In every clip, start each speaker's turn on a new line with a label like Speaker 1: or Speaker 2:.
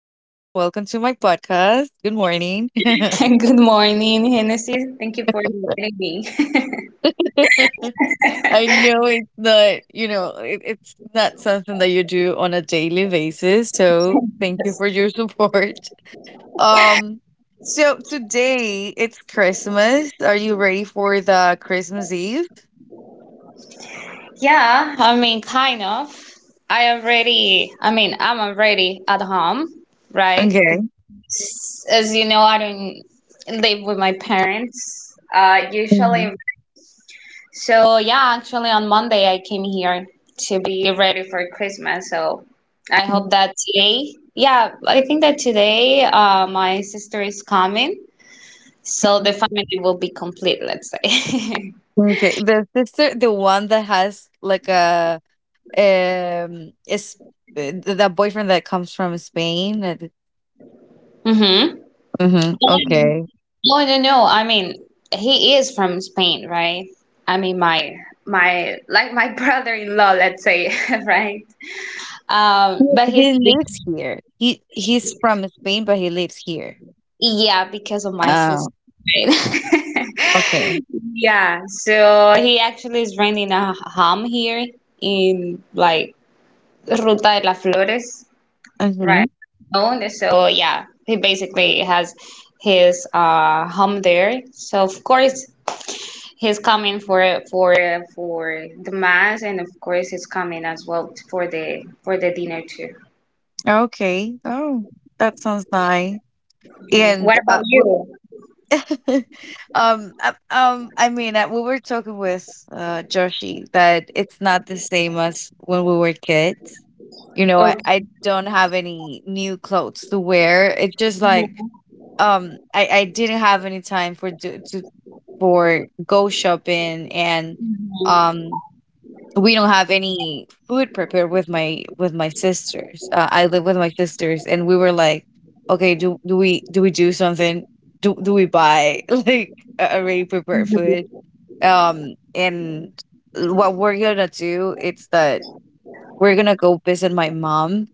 Speaker 1: Podcast. Good morning. I
Speaker 2: Good morning, Hennessy. Thank you for inviting me.
Speaker 1: know it's not, you know, it's not something that you do on a daily basis. So thank you for your support. Um, so today it's Christmas. Are you ready for the Christmas Eve?
Speaker 2: Yeah, I mean, kind of. I mean, I'm already at home, right?
Speaker 1: Okay.
Speaker 2: Because, as you know, I don't live with my parents
Speaker 1: Mhm.
Speaker 2: usually. So, yeah, actually, on Monday, I came here to be ready for Christmas. So, I hope that today, yeah, I think that today my sister is coming. So, the family will be complete, let's say.
Speaker 1: Okay. The sister, the one that has like a it's that boyfriend that comes from Spain.
Speaker 2: Mm-hmm.
Speaker 1: Mm-hmm. Okay.
Speaker 2: No, no, no. I mean, he is from Spain, right? I mean, my brother-in-law, let's say, right?
Speaker 1: He
Speaker 2: But he's,
Speaker 1: he lives here. He's from Spain, but he lives here.
Speaker 2: yeah, because of my
Speaker 1: Oh,
Speaker 2: sister, right?
Speaker 1: okay.
Speaker 2: Yeah, so he actually is renting a home here in like Ruta de las Flores,
Speaker 1: Mm-hmm.
Speaker 2: right? Own. So yeah, he basically has his home there. So of course he's coming for the mass, and of course, he's coming as well for the dinner too.
Speaker 1: Okay. Oh, that sounds nice.
Speaker 2: Yeah.
Speaker 1: And
Speaker 2: What about you?
Speaker 1: we were talking with Joshi that it's not the same as when we were kids. You know, I
Speaker 2: Okay.
Speaker 1: I don't have any new clothes to wear. It's just like
Speaker 2: Mhm.
Speaker 1: I didn't have any time for to for go shopping, and um we don't have any food prepared with my sisters. I live with my sisters, and we were like, okay, do we do something? Do we buy like already prepared food? And what we're gonna do is that we're gonna go visit my mom,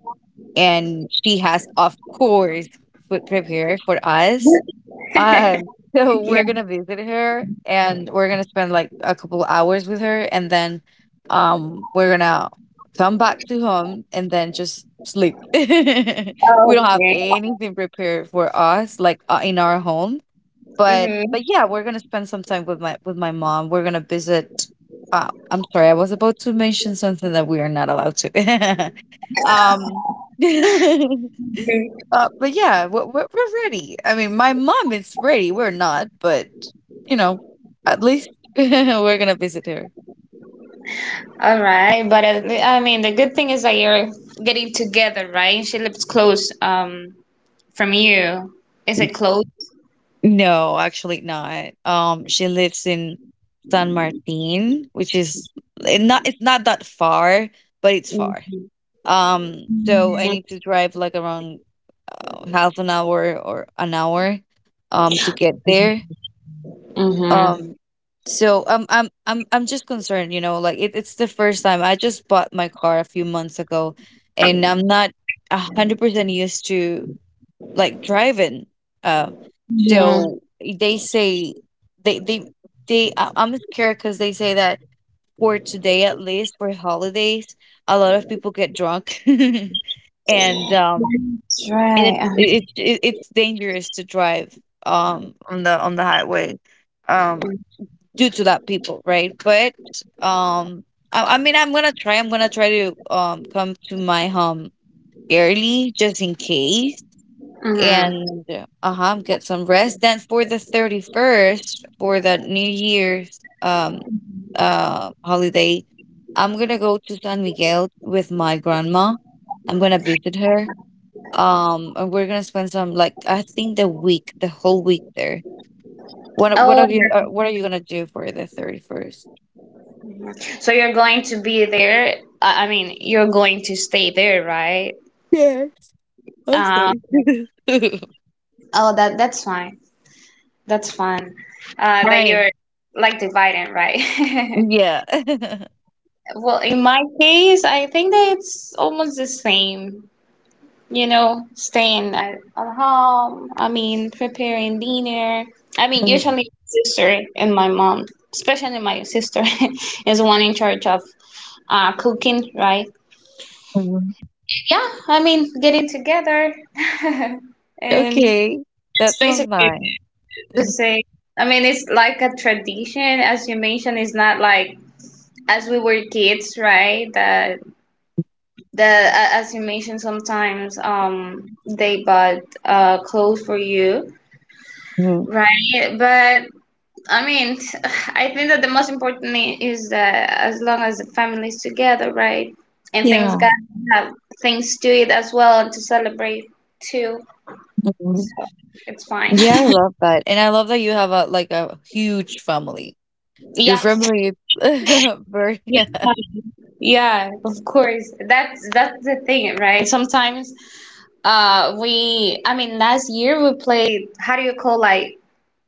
Speaker 1: and she has of course food prepared for us, um, so
Speaker 2: Yeah.
Speaker 1: we're gonna visit her and we're gonna spend like a couple hours with her, and then we're gonna come back to home and then just sleep. We don't have
Speaker 2: Okay.
Speaker 1: anything prepared for us like in our home, but
Speaker 2: Mm-hmm.
Speaker 1: yeah, we're gonna spend some time with my mom. We're gonna visit I'm sorry, I was about to mention something that we are not allowed to. Um but yeah, we're ready. I mean, my mom is ready. We're not, but you know, at least we're gonna visit her.
Speaker 2: All right, but I mean, the good thing is that you're getting together, right? She lives close from you. Is it close?
Speaker 1: No, actually not. She lives in San Martin, which is it's not that far, but it's far. So I
Speaker 2: Mm-hmm.
Speaker 1: need to drive like around half an hour or an hour, to get there.
Speaker 2: Mm-hmm.
Speaker 1: Um, so I'm just concerned, you know, like it's the first time. I just bought my car a few months ago, and I'm not 100% used to like driving. Um,
Speaker 2: Yeah.
Speaker 1: so they say they they I'm scared because they say that for today at least for holidays, a lot of people get drunk, and um
Speaker 2: That's
Speaker 1: and
Speaker 2: right.
Speaker 1: it's dangerous to drive on the highway. Um, Due to that people, right? But um, I mean, I'm gonna try. I'm gonna try to come to my home early just in case,
Speaker 2: Mm-hmm.
Speaker 1: and uh huh, get some rest. Then for the 31st, for the New Year's holiday, I'm gonna go to San Miguel with my grandma. I'm gonna visit her. And we're gonna spend some like I think the week, the whole week there. What are
Speaker 2: Oh,
Speaker 1: you what are you gonna do for the 31st?
Speaker 2: so you're going to be there. I mean, you're going to stay there, right?
Speaker 1: Yes, I'm
Speaker 2: Um,
Speaker 1: sorry.
Speaker 2: oh, that's fine. That's fine. That
Speaker 1: Right,
Speaker 2: you're like dividing, right?
Speaker 1: yeah.
Speaker 2: Well, in my case, I think that it's almost the same. You know, staying at home. I mean, preparing dinner. I mean, usually
Speaker 1: Mhm,
Speaker 2: my sister and my mom, especially my sister, is the one in charge of cooking, right?
Speaker 1: mhm.
Speaker 2: Yeah, I mean, getting together and
Speaker 1: Okay,
Speaker 2: it's
Speaker 1: that sounds
Speaker 2: basically
Speaker 1: nice.
Speaker 2: the
Speaker 1: Mhm,
Speaker 2: same. I mean, it's like a tradition, as you mentioned. It's not like as we were kids, right? That as you mentioned, sometimes they bought clothes for you,
Speaker 1: mhm.
Speaker 2: right? But I mean, I think that the most important thing is that as long as the family is together, right? And things
Speaker 1: Yeah.
Speaker 2: got have things to it as well to celebrate too.
Speaker 1: Mhm.
Speaker 2: It's fine.
Speaker 1: Yeah, I love that, and I love that you have a like, a huge family. Your
Speaker 2: Yeah.
Speaker 1: family is very
Speaker 2: Yeah, yeah, of course. That's the thing, right? Sometimes we, I mean, last year we played, how do you call, like,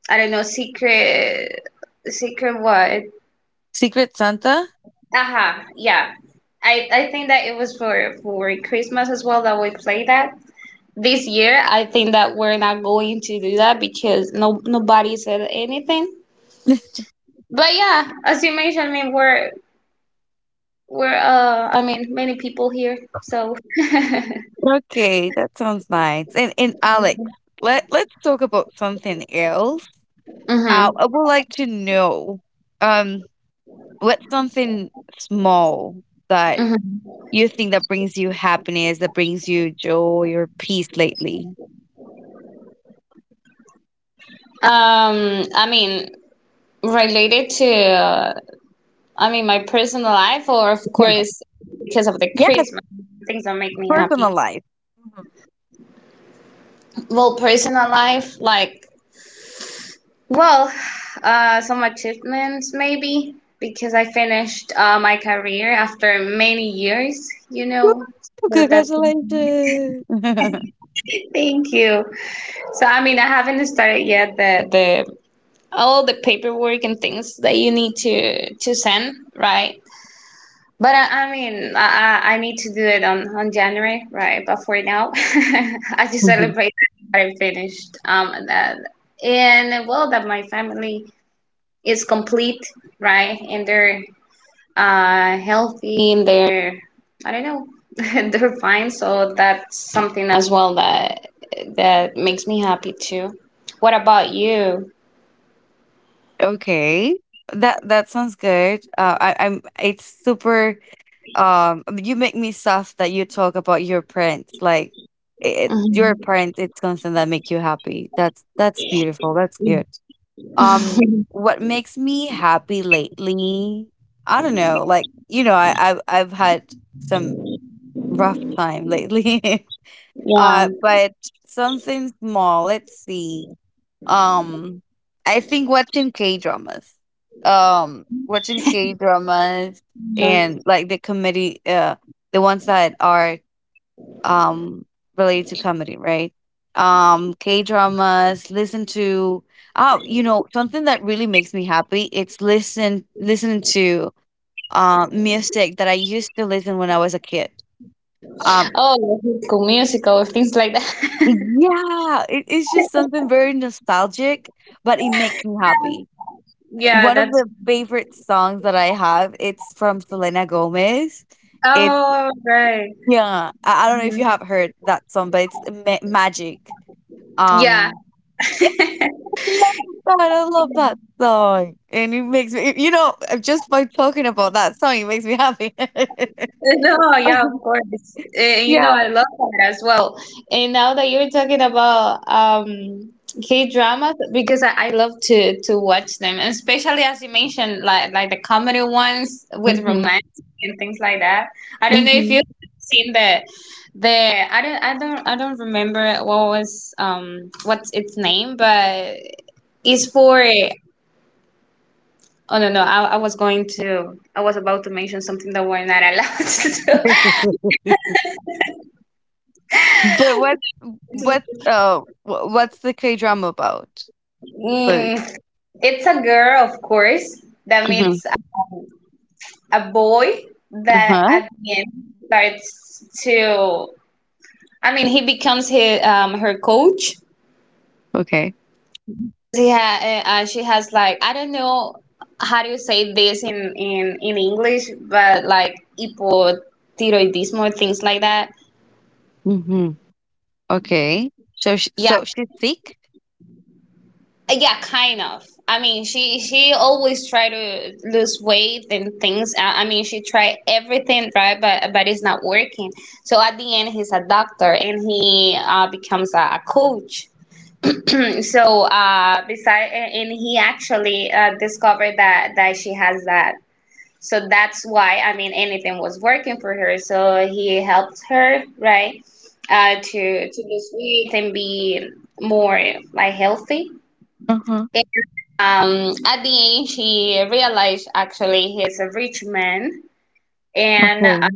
Speaker 2: I don't know, secret secret what?
Speaker 1: Secret Santa?
Speaker 2: Aha, yeah. I think that it was for Christmas as well that we played that. This year I think that we're not going to do that because no nobody said anything. But yeah, as you mentioned, I mean, we're I mean, many people here, so.
Speaker 1: Okay, that sounds nice, and Alex, let's talk about something else.
Speaker 2: Hmm,
Speaker 1: I would like to know, um, what's something small that
Speaker 2: hmm.
Speaker 1: you think that brings you happiness, that brings you joy or peace lately?
Speaker 2: I mean, related to, I mean, my personal life, or of
Speaker 1: Yeah.
Speaker 2: course, because of the
Speaker 1: Yes,
Speaker 2: Christmas, things that make me
Speaker 1: personal
Speaker 2: happy.
Speaker 1: life. Mhm.
Speaker 2: Well, personal life, like, well, some achievements maybe, because I finished my career after many years, you
Speaker 1: Woo,
Speaker 2: know. So that,
Speaker 1: congratulations.
Speaker 2: thank you. So I mean, I haven't started yet the all the paperwork and things that you need to send, right? But I mean, I need to do it on January, right? But for now, I just
Speaker 1: Mhm.
Speaker 2: celebrate that I finished that and well that my family is complete, right? And they're healthy and they're, I don't know, they're fine. So that's something as well that makes me happy too. What about you?
Speaker 1: Okay. That sounds good. I, I'm. It's super. You make me soft that you talk about your parents. Like, your
Speaker 2: Mhm.
Speaker 1: parents. It's something that make you happy. That's beautiful. That's good. What makes me happy lately? I don't know. Like, you know, I've had some rough time lately.
Speaker 2: Yeah.
Speaker 1: But something small. Let's see. Um, I think watching K-dramas. Watching K-dramas
Speaker 2: Yeah.
Speaker 1: and like the comedy the ones that are um related to comedy, right? K dramas, listen to oh, you know, something that really makes me happy, it's listening to music that I used to listen when I was a kid. Um
Speaker 2: Oh, like high school musical, musicals, things like that.
Speaker 1: yeah, it's just something very nostalgic, but it makes me happy.
Speaker 2: Yeah,
Speaker 1: One of
Speaker 2: that's,
Speaker 1: the favorite songs that I have, it's from Selena Gomez. It's
Speaker 2: oh, right.
Speaker 1: yeah, I don't know if you
Speaker 2: Mhm.
Speaker 1: have heard that song, but it's magic.
Speaker 2: Yeah,
Speaker 1: Um, love that. I love that song. And it makes me, you know, just by talking about that song, it makes me happy.
Speaker 2: no, yeah, of course. You know,
Speaker 1: Yeah.
Speaker 2: I love that as well. And now that you're talking about K dramas, because I love to watch them, and especially as you mentioned, like the comedy ones with
Speaker 1: Hmm,
Speaker 2: romance and things like that. I don't know if
Speaker 1: hmm.
Speaker 2: you've seen the I don't remember what was what's its name, but is for, oh, no, no, I was about to mention something that we're not allowed to do.
Speaker 1: But what's the K drama about? Like,
Speaker 2: Mm, it's a girl of course that
Speaker 1: uh-huh.
Speaker 2: meets a boy that
Speaker 1: Uh-huh.
Speaker 2: at the end starts to, I mean, he becomes his, her coach.
Speaker 1: Okay.
Speaker 2: Yeah, she has like, I don't know, how do you say this in english, but like hipotiroidism or things like that.
Speaker 1: Hmm. Okay.
Speaker 2: Yeah.
Speaker 1: So she's sick?
Speaker 2: Yeah, kind of. I mean, she always try to lose weight and things. I mean, she tried everything right, but it's not working. So at the end, he's a doctor and he becomes a coach. So beside, and he actually discovered that she has that. So that's why, I mean, anything was working for her. So he helped her right, uh, to to lose weight and be more like healthy,
Speaker 1: Uh-huh.
Speaker 2: at the end, she realized actually he's a rich man, and
Speaker 1: Okay.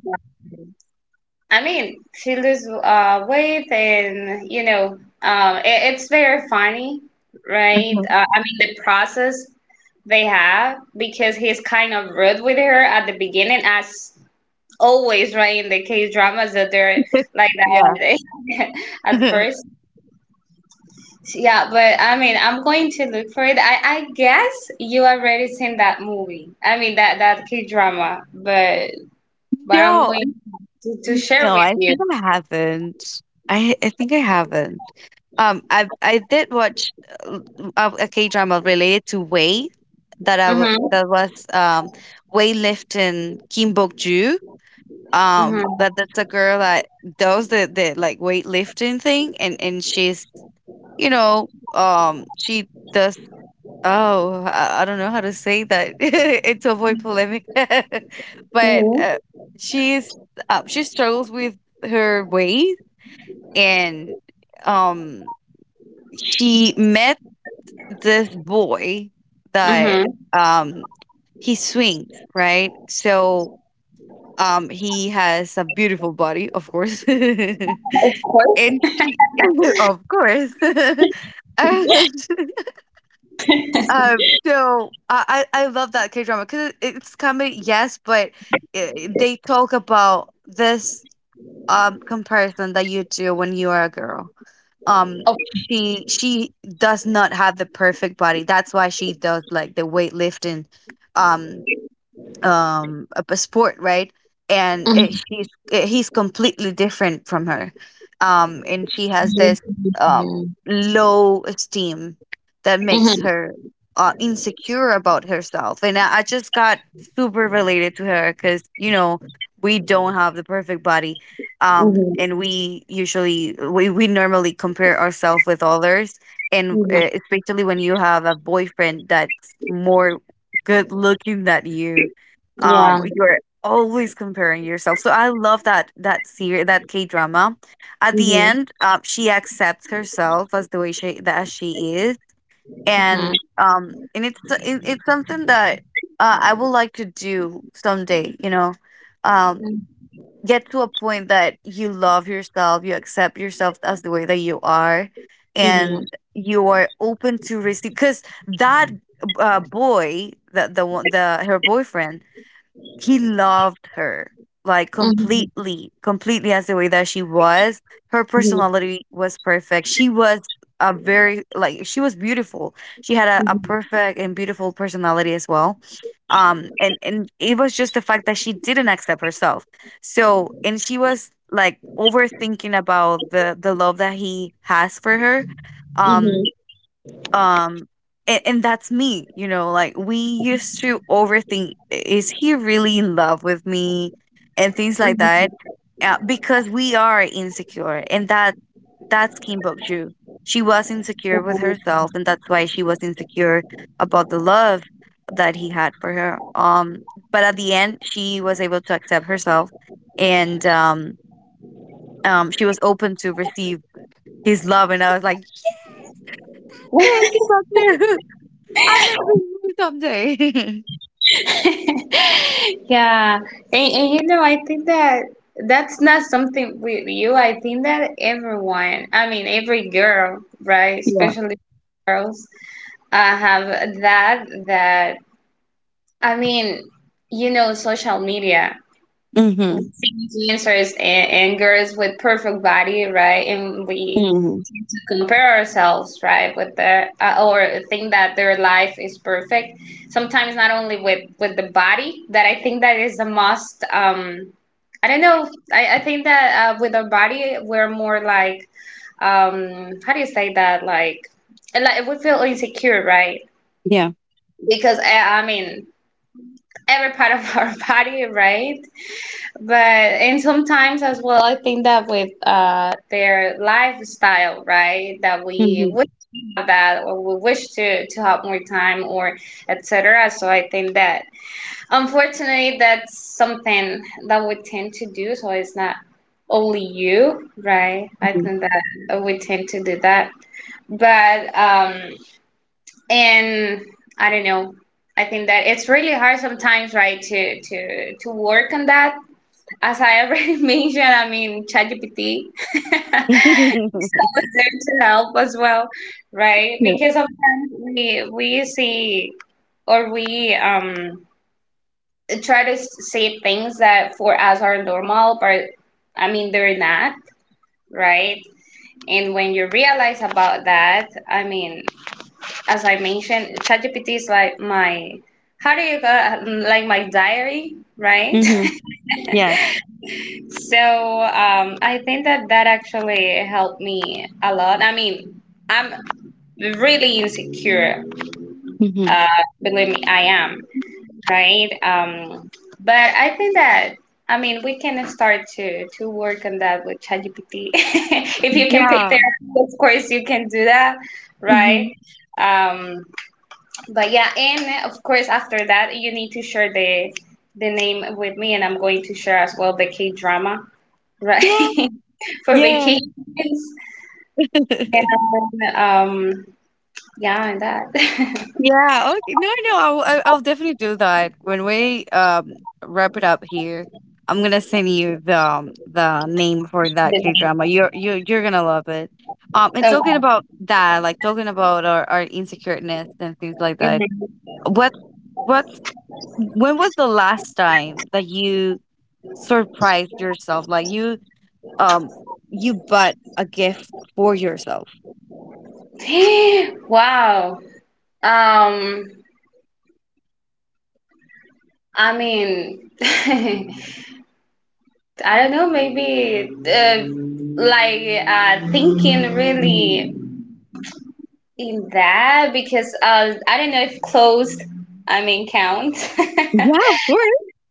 Speaker 2: I mean, she lose weight, and you know, it's very funny, right?
Speaker 1: Uh-huh.
Speaker 2: I mean, the process they have, because he's kind of rude with her at the beginning, as always, right? In the K dramas that they're like
Speaker 1: Yeah.
Speaker 2: that at first. Yeah, but I mean, I'm going to look for it. I guess you already seen that movie. I mean, that K drama, but I'm
Speaker 1: No,
Speaker 2: going to share
Speaker 1: no,
Speaker 2: with
Speaker 1: I
Speaker 2: you.
Speaker 1: think I haven't. I think I haven't. I did watch a K drama related to Wei that
Speaker 2: Mhm.
Speaker 1: that was Wei lifting Kim Bok Ju.
Speaker 2: Mhm.
Speaker 1: That's a girl that does the like weightlifting thing, and she's you know she does oh, I don't know how to say that, it's to avoid polemic, but
Speaker 2: Mhm.
Speaker 1: she's she struggles with her weight, and um she met this boy that
Speaker 2: Mhm.
Speaker 1: he swings, right? So he has a beautiful body, of course. And
Speaker 2: Of course.
Speaker 1: she of course. And so I love that K drama cuz it's comedy, yes, but I they talk about this comparison that you do when you are a girl, um
Speaker 2: Of.
Speaker 1: she does not have the perfect body, that's why she does like the weightlifting um a sport, right, and
Speaker 2: Mhm.
Speaker 1: she's he's completely different from her, and she has this
Speaker 2: Mhm.
Speaker 1: um low esteem that makes
Speaker 2: Mhm.
Speaker 1: her insecure about herself, and I just got super related to her because you know we don't have the perfect body,
Speaker 2: Mhm.
Speaker 1: and we usually we normally compare ourselves with others, and
Speaker 2: Mhm.
Speaker 1: especially when you have a boyfriend that's more good looking than you,
Speaker 2: Yeah.
Speaker 1: you're always comparing yourself. So I love that series, that K drama. At the
Speaker 2: Mhm.
Speaker 1: end, she accepts herself as the way she that as she is,
Speaker 2: Mhm.
Speaker 1: and it's something that I would like to do someday, you know, um get to a point that you love yourself, you accept yourself as the way that you are,
Speaker 2: Mhm.
Speaker 1: and you are open to receive. Because that boy, the one, the her boyfriend, he loved her like
Speaker 2: Mhm.
Speaker 1: completely, completely as the way that she was. Her
Speaker 2: Mhm.
Speaker 1: personality was perfect. She was a very like she was beautiful. She had a perfect and beautiful personality as well. And it was just the fact that she didn't accept herself. So, and she was like overthinking about the love that he has for her. Um
Speaker 2: Mhm.
Speaker 1: um and that's me, you know, like we used to overthink, is he really in love with me?" And things like that, because we are insecure, and that's Kim Bok Ju, she was insecure with
Speaker 2: Mhm.
Speaker 1: herself, and that's why she was insecure about the love that he had for her, but at the end she was able to accept herself, and she was open to receive his love. And I was like, "Yeah, Kim Bok Ju, I'm gonna be you someday."
Speaker 2: Yeah, and you know, I think that that's not something with you. I think that everyone, I mean, every girl, right,
Speaker 1: Yeah.
Speaker 2: especially girls, have that. That, I mean, you know, social media. We
Speaker 1: Mhm.
Speaker 2: see influencers and girls with perfect body, right? And we
Speaker 1: Mhm.
Speaker 2: compare ourselves right with the, or think that their life is perfect sometimes, not only with the body, that I think that is the most, I don't know, I think that, with our body we're more like, how do you say that, like we feel insecure, right?
Speaker 1: Yeah.
Speaker 2: Because, I mean, every part of our body, right? But and sometimes as well I think that with, their lifestyle, right, that we
Speaker 1: Mhm.
Speaker 2: wish to have that, or we wish to have more time or etc. So I think that unfortunately that's something that we tend to do. So it's not only you, right? I
Speaker 1: Mhm.
Speaker 2: think that we tend to do that. But, and I don't know, I think that it's really hard sometimes, right, to work on that, as I already mentioned. I mean, ChatGPT is there to help as well, right?
Speaker 1: Yeah.
Speaker 2: Because sometimes we see or we, try to see things that for us are normal, but I mean they're not, right? And when you realize about that, I mean, as I mentioned, ChatGPT is like my, how do you go, like my diary, right?
Speaker 1: Mhm. Yeah.
Speaker 2: So, I think that that actually helped me a lot. I mean, I'm really insecure.
Speaker 1: Mhm.
Speaker 2: Uh, Believe me, I am, right? But I think that, I mean, we can start to work on that with ChatGPT. If you can pay
Speaker 1: Yeah.
Speaker 2: therapy, of course you can do that, right?
Speaker 1: Mhm.
Speaker 2: Um, but yeah, and of course after that you need to share the name with me, and I'm going to share as well the K drama.
Speaker 1: Yeah.
Speaker 2: Right. For
Speaker 1: Yeah.
Speaker 2: vacations and, yeah, and that.
Speaker 1: Yeah. Okay. No, no. I'll definitely do that when we wrap it up here. I'm gonna send you the name for that K drama. You you're gonna love it. And
Speaker 2: Okay.
Speaker 1: talking about that, like talking about our insecureness and things like that. What what When was the last time that you surprised yourself? Like you um you bought a gift for yourself.
Speaker 2: Mhm. Wow. Um I mean, I don't know, maybe, like, thinking really in that, because, I don't know if clothes, I mean, count.
Speaker 1: Yeah, of course.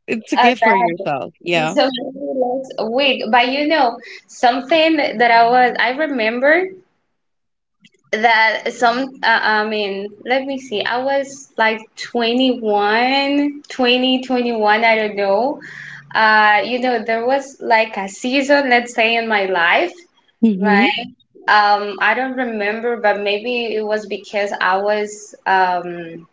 Speaker 1: It's a
Speaker 2: Uh,
Speaker 1: gift for yourself. Yeah.
Speaker 2: so maybe like a wig, but you know something that I remember that some, I mean, let me see, I was like 21, 2021, I don't know, you know, there was like a season, let's say, in my life, right?
Speaker 1: Mm-hmm.
Speaker 2: I don't remember, but maybe it was because I was,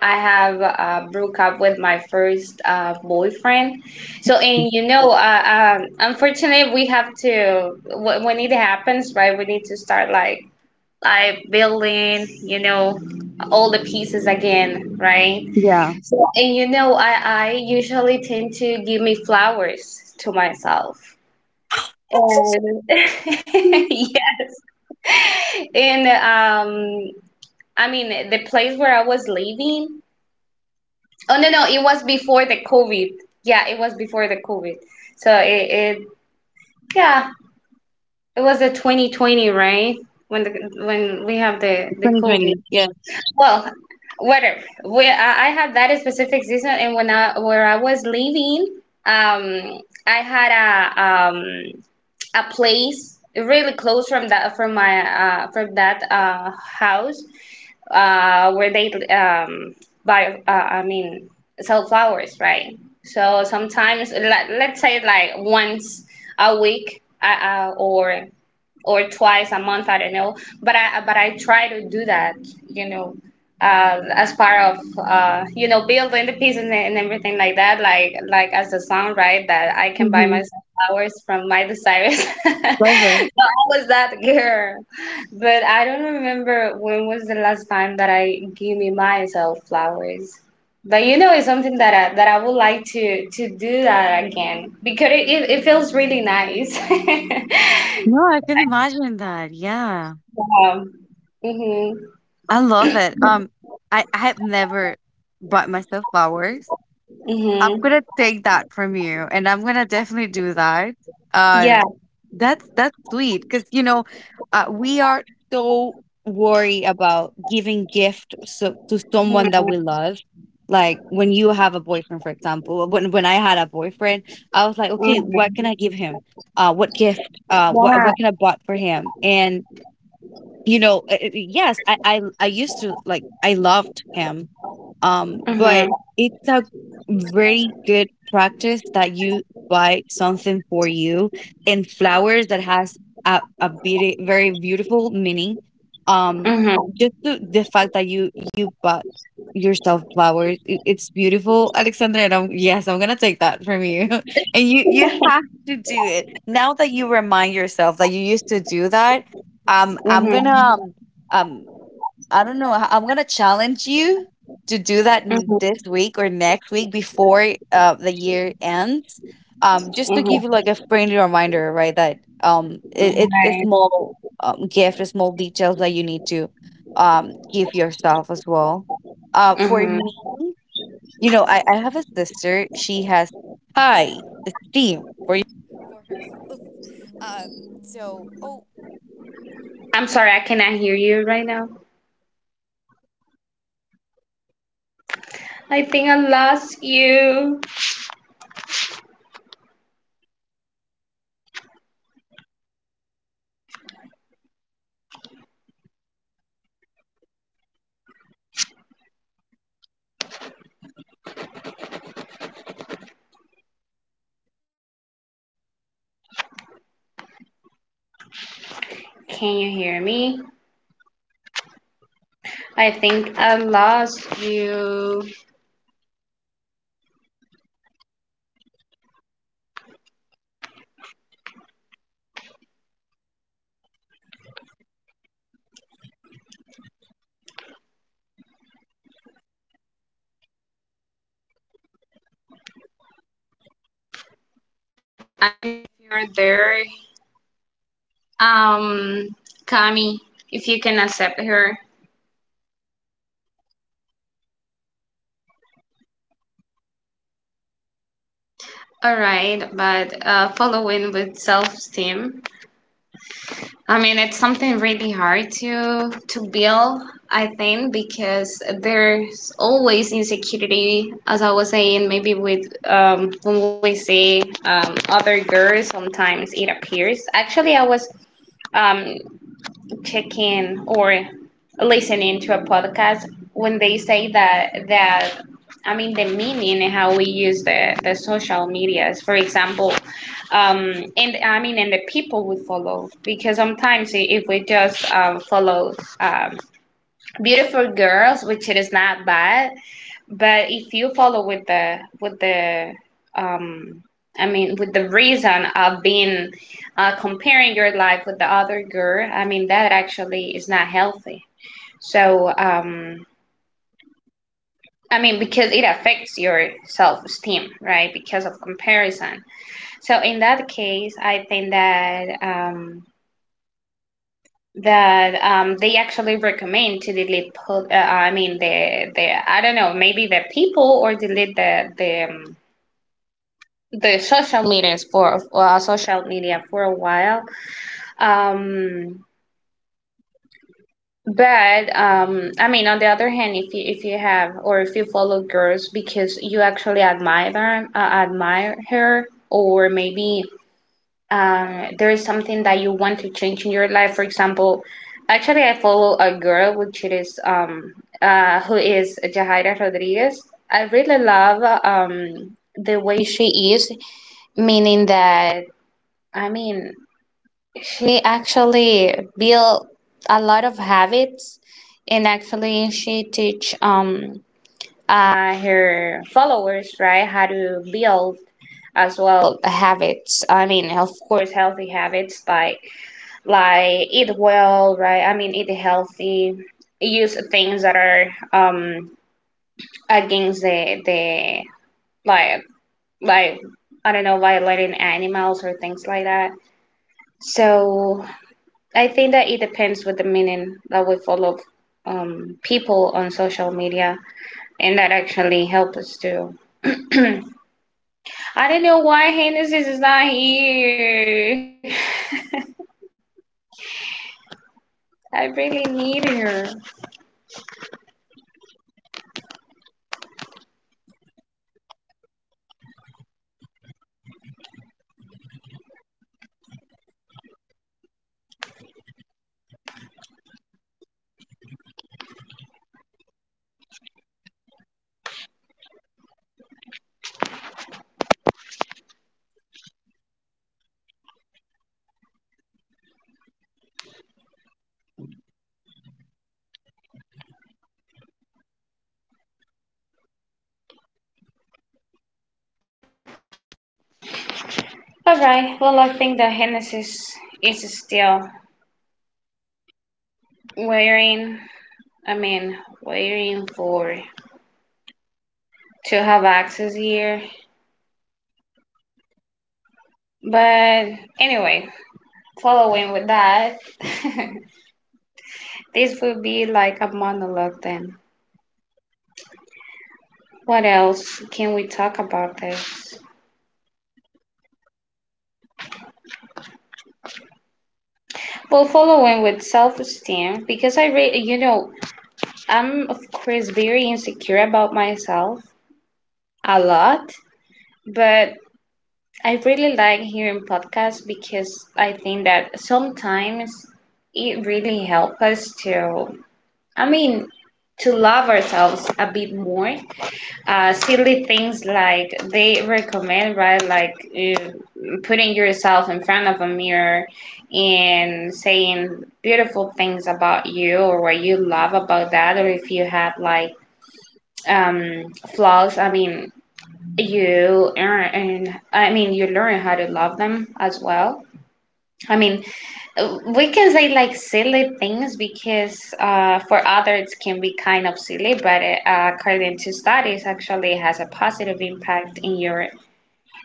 Speaker 2: I have, broke up with my first, boyfriend. So, and you know, unfortunately we have to, when it happens, right, we need to start like building, you know, all the pieces again, right?
Speaker 1: Yeah.
Speaker 2: So, and you know, I usually tend to give me flowers to myself.
Speaker 1: That's so
Speaker 2: And
Speaker 1: sweet.
Speaker 2: yeah, and, um, I mean, the place where I was living, oh no, no, it was before the COVID. Yeah, it was before the COVID. So it, yeah, it was the 2020, right? When the, when we have the COVID.
Speaker 1: 2020. Yeah.
Speaker 2: Well, whatever. I had that specific season, and when I, where I was living, um, I had a, a place really close from that, from my, from that, house, where they, um buy, I mean, sell flowers, right? So sometimes, let's say like once a week, or twice a month. I don't know, but I try to do that. You know, as part of you know building the pieces and everything like that. Like as the song, right? That I can buy
Speaker 1: Hmm.
Speaker 2: myself flowers from Miley Cyrus. So I
Speaker 1: Love it.
Speaker 2: was that girl, but I don't remember when was the last time that I gave me myself flowers. But you know, it's something that I would like to do that again because it feels really nice.
Speaker 1: No, I can imagine that. Yeah.
Speaker 2: Wow. Mhm.
Speaker 1: I love it. I have never bought myself flowers. I'm
Speaker 2: Mhm.
Speaker 1: gonna take that from you, and I'm gonna definitely do that. Uh,
Speaker 2: Yeah.
Speaker 1: that's sweet, because you know, we are so worried about giving gift so, to someone that we
Speaker 2: Mhm.
Speaker 1: love. Like when you have a boyfriend, for example, when I had a boyfriend, I was like, okay, what can
Speaker 2: Mhm.
Speaker 1: I give him? What gift?
Speaker 2: Yeah.
Speaker 1: What can I bought for him? And you know, yes, I used to like I loved him, but
Speaker 2: Mhm.
Speaker 1: it's a very good practice that you buy something for you. And flowers that has a beauty, very beautiful meaning. Um,
Speaker 2: Mhm.
Speaker 1: just the fact that you bought yourself flowers, it's beautiful, Alexandra. And I'm, yes, I'm gonna take that from you. And you have to do it now that you remind yourself that you used to do that. Um, I'm gonna
Speaker 2: Mhm.
Speaker 1: um um I don't know. I'm gonna challenge you to do that
Speaker 2: Mhm.
Speaker 1: this week or next week before the year ends. Just to give you
Speaker 2: Mhm.
Speaker 1: like a friendly reminder, right? That it's a
Speaker 2: Right.
Speaker 1: small gift, a small details that you need to give yourself as well. For
Speaker 2: Mhm.
Speaker 1: me, you know, I have a sister. She has high esteem.
Speaker 2: I'm sorry, I cannot hear you right now. I think I lost you. Can you hear me? I think I lost you. If you're there, um, Kami, if you can accept her. All right, but following with self-esteem. I mean, it's something really hard to build, I think, because there's always insecurity, as I was saying, maybe with when we see other girls, sometimes it appears. Actually, I was um, checking or listening to a podcast when they say that I mean the meaning and how we use the social medias, for example, and I mean and the people we follow because sometimes if we just follow um, beautiful girls, which it is not bad, but if you follow with the um, I mean with the reason of being comparing your life with the other girl, I mean that actually is not healthy. So I mean because it affects your self esteem, right? Because of comparison. So in that case, I think that they actually recommend to delete. I mean the I don't know maybe the people or delete the social medias for social media for a while. Um, but I mean, on the other hand, if you have or if you follow girls because you actually admire them, admire her, or maybe there is something that you want to change in your life. For example, actually, I follow a girl which it is who is Jahaira Rodriguez. I really love the way she is, meaning that I mean she actually built a lot of habits, and actually she teach her followers right how to build as well habits. I mean, of course, healthy habits like eat well, right? I mean, eat healthy, use things that are against the like like I don't know, violating animals or things like that. So I think that it depends with the meaning that we follow people on social media, and that actually help us too. I don't know why Hennessy is not here. I really need her. All right. Well, I think that Hennessy is still waiting. I mean, waiting for to have access here. But anyway, following with that, this would be like a monologue then. What else can we talk about this? Well, following with self-esteem, because you know, I'm of course very insecure about myself a lot, but I really like hearing podcasts because I think that sometimes it really helps us to, I mean, to love ourselves a bit more. Silly things like they recommend, right? Like putting yourself in front of a mirror and saying beautiful things about you or what you love about that, or if you have like um flaws, I mean you earn and I mean you learn how to love them as well. I mean, we can say like silly things because for others it can be kind of silly, but according to studies actually it has a positive impact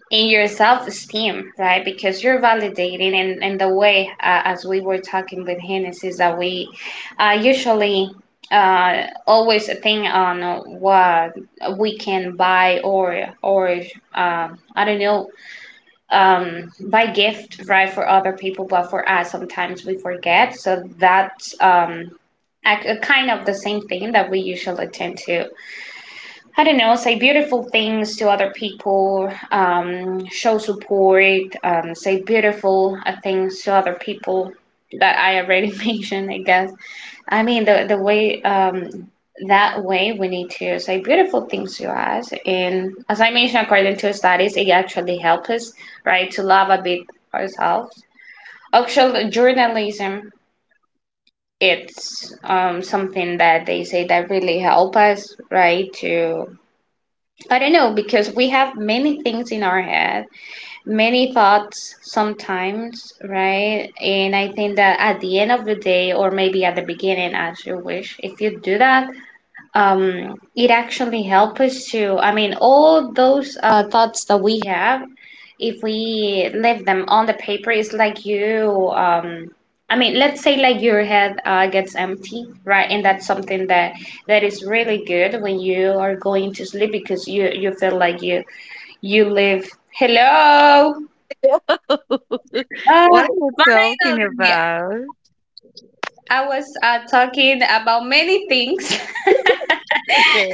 Speaker 2: in your self-esteem, right? Because you're validating. And the way as we were talking with Hannes is that we usually always think on what we can buy or I don't know by gift, right, for other people, but for us, sometimes we forget. So that's a kind of the same thing that we usually tend to, I don't know, say beautiful things to other people, show support, say beautiful things to other people that I already mentioned, I guess. I mean, the way that way we need to say beautiful things to us, and as I mentioned, according to studies, it actually helps us right to love a bit ourselves. Actually, journalism, it's something that they say that really help us right to I don't know because we have many things in our head, many thoughts sometimes, right? And I think that at the end of the day or maybe at the beginning as you wish, if you do that, it actually helps us to, I mean, all those thoughts that we have, if we leave them on the paper, it's like you, I mean, let's say like your head gets empty, right? And that's something that that is really good when you are going to sleep because you feel like you live. Hello. Ah,
Speaker 1: What are you
Speaker 2: finally,
Speaker 1: talking about?
Speaker 2: I was talking about many things.
Speaker 1: Okay.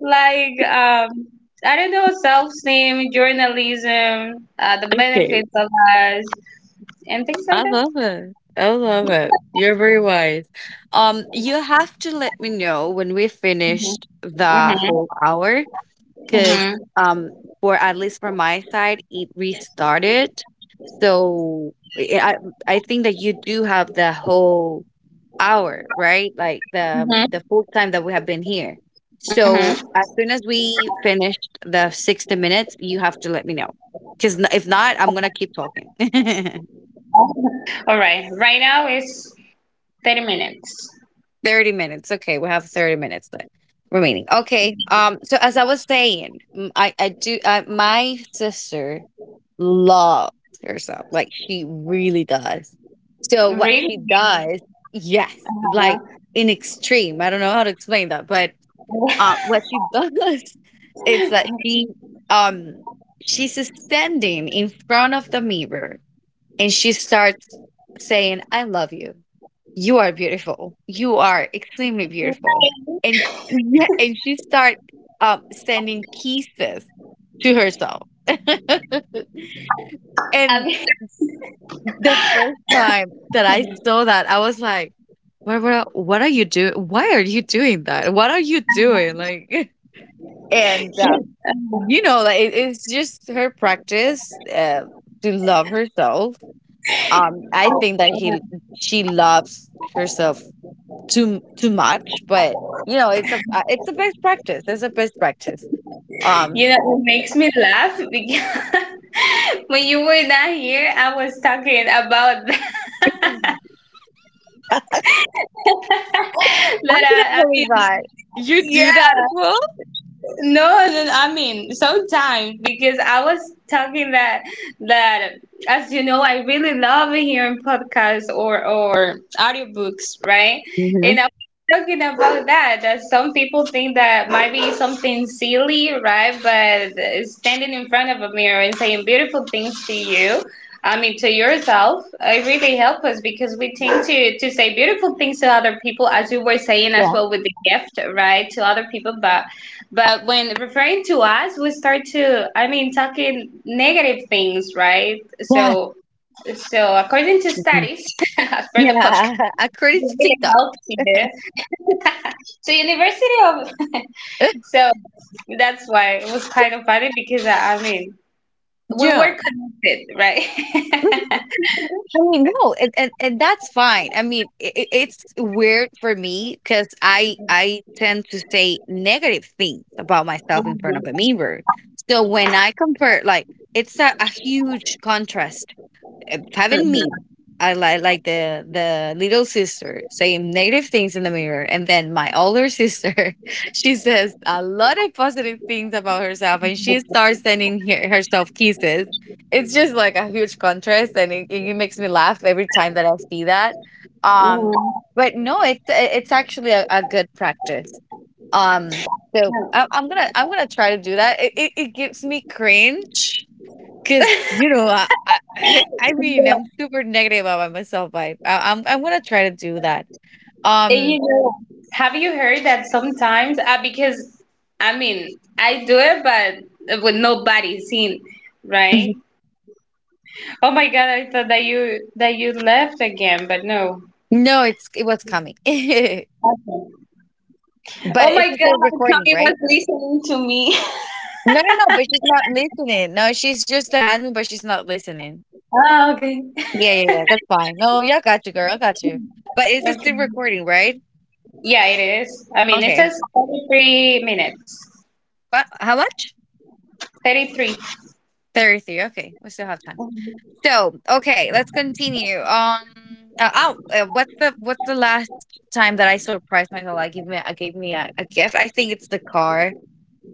Speaker 2: Like I don't know self-esteem, journalism, the
Speaker 1: Okay.
Speaker 2: benefits of us, and things like
Speaker 1: I
Speaker 2: that.
Speaker 1: love it. I love it. You're very wise. You have to let me know when we finished the
Speaker 2: Mm-hmm,
Speaker 1: whole hour because
Speaker 2: mm-hmm,
Speaker 1: um for at least from my side it restarted. So I I think that you do have the whole hour, right? Like
Speaker 2: mm-hmm,
Speaker 1: the full time that we have been here. So
Speaker 2: mm-hmm.
Speaker 1: as soon as we finished the 60 minutes, you have to let me know. Because if not, I'm going to keep talking.
Speaker 2: All right, right now it's 30 minutes.
Speaker 1: 30 minutes. Okay, we have 30 minutes left remaining. Okay. Um, so as I was saying, my sister loves herself. Like she really does. So what
Speaker 2: Really,
Speaker 1: she does, yes, like in extreme. I don't know how to explain that, but uh, what she does is that she um she's standing in front of the mirror and she starts saying, I love you. You are beautiful. You are extremely beautiful. And yeah, and she starts sending kisses to herself.
Speaker 2: I
Speaker 1: And
Speaker 2: mean,
Speaker 1: the first time that I saw that, I was like, what are you doing? Why are you doing that? What are you doing? Like, and you know like it's just her practice to love herself um. I think that he she loves herself too much, but you know it's a best practice, it's a best practice um.
Speaker 2: you know, it makes me laugh because when you were not here, I was talking about that.
Speaker 1: I
Speaker 2: That
Speaker 1: couldn't
Speaker 2: I, I
Speaker 1: believe
Speaker 2: mean,
Speaker 1: that you
Speaker 2: yeah.
Speaker 1: do that as well.
Speaker 2: No, no, I mean sometimes because I was talking that as you know I really love hearing podcasts or audiobooks, right?
Speaker 1: Hmm.
Speaker 2: And I was talking about that some people think that might be something silly, right? But standing in front of a mirror and saying beautiful things to you. I mean, to yourself, it really helps us because we tend to say beautiful things to other people, as you were saying as
Speaker 1: Yeah.
Speaker 2: well with the gift, right? To other people, but when referring to us, we start to, I mean, talking negative things, right?
Speaker 1: Yeah.
Speaker 2: So according to
Speaker 1: Mhm.
Speaker 2: studies for the podcast,
Speaker 1: Yeah.
Speaker 2: it
Speaker 1: According to
Speaker 2: really
Speaker 1: TikTok.
Speaker 2: helps you. So, University of, so that's why it was kind of funny because we
Speaker 1: Yeah.
Speaker 2: were connected, right?
Speaker 1: I mean, no, and that's fine. I mean, it's weird for me because I tend to say negative things about myself in front of a
Speaker 2: Mhm,
Speaker 1: mirror. So when I compare, like, it's a huge contrast having me, I like the little sister saying negative things in the mirror, and then my older sister, she says a lot of positive things about herself, and she starts sending herself kisses. It's just like a huge contrast, and it makes me laugh every time that I see that. Um,
Speaker 2: mhm.
Speaker 1: but no, it's it's actually a good practice. Um, so I'm gonna try to do that. It gives me cringe. 'Cause, you know, I I mean, I'm super negative about myself, but I'm gonna try to do that.
Speaker 2: And you
Speaker 1: Um,
Speaker 2: know, have you heard that sometimes? Because I mean, I do it, but with nobody seen, right?
Speaker 1: mhm,
Speaker 2: Oh my god, I thought that you left again, but no.
Speaker 1: no, it was coming.
Speaker 2: Okay. Oh
Speaker 1: But
Speaker 2: my
Speaker 1: it's just a
Speaker 2: god,
Speaker 1: recording,
Speaker 2: Kami was
Speaker 1: right?
Speaker 2: listening to me.
Speaker 1: No, no, no, but she's not listening. No, she's just the admin, but she's not listening.
Speaker 2: Ah, okay.
Speaker 1: Yeah, yeah, yeah, that's fine. No, yeah, got you, girl, I got you. But it's just a
Speaker 2: Okay.
Speaker 1: recording, right?
Speaker 2: Yeah, it is. I mean, it
Speaker 1: Okay.
Speaker 2: says 33 minutes.
Speaker 1: But how much?
Speaker 2: 33.
Speaker 1: 30, okay. We still have time. So, okay, let's continue. Oh, what's the last time that I surprised myself? Like, give me a gave me a gift. I think it's the car.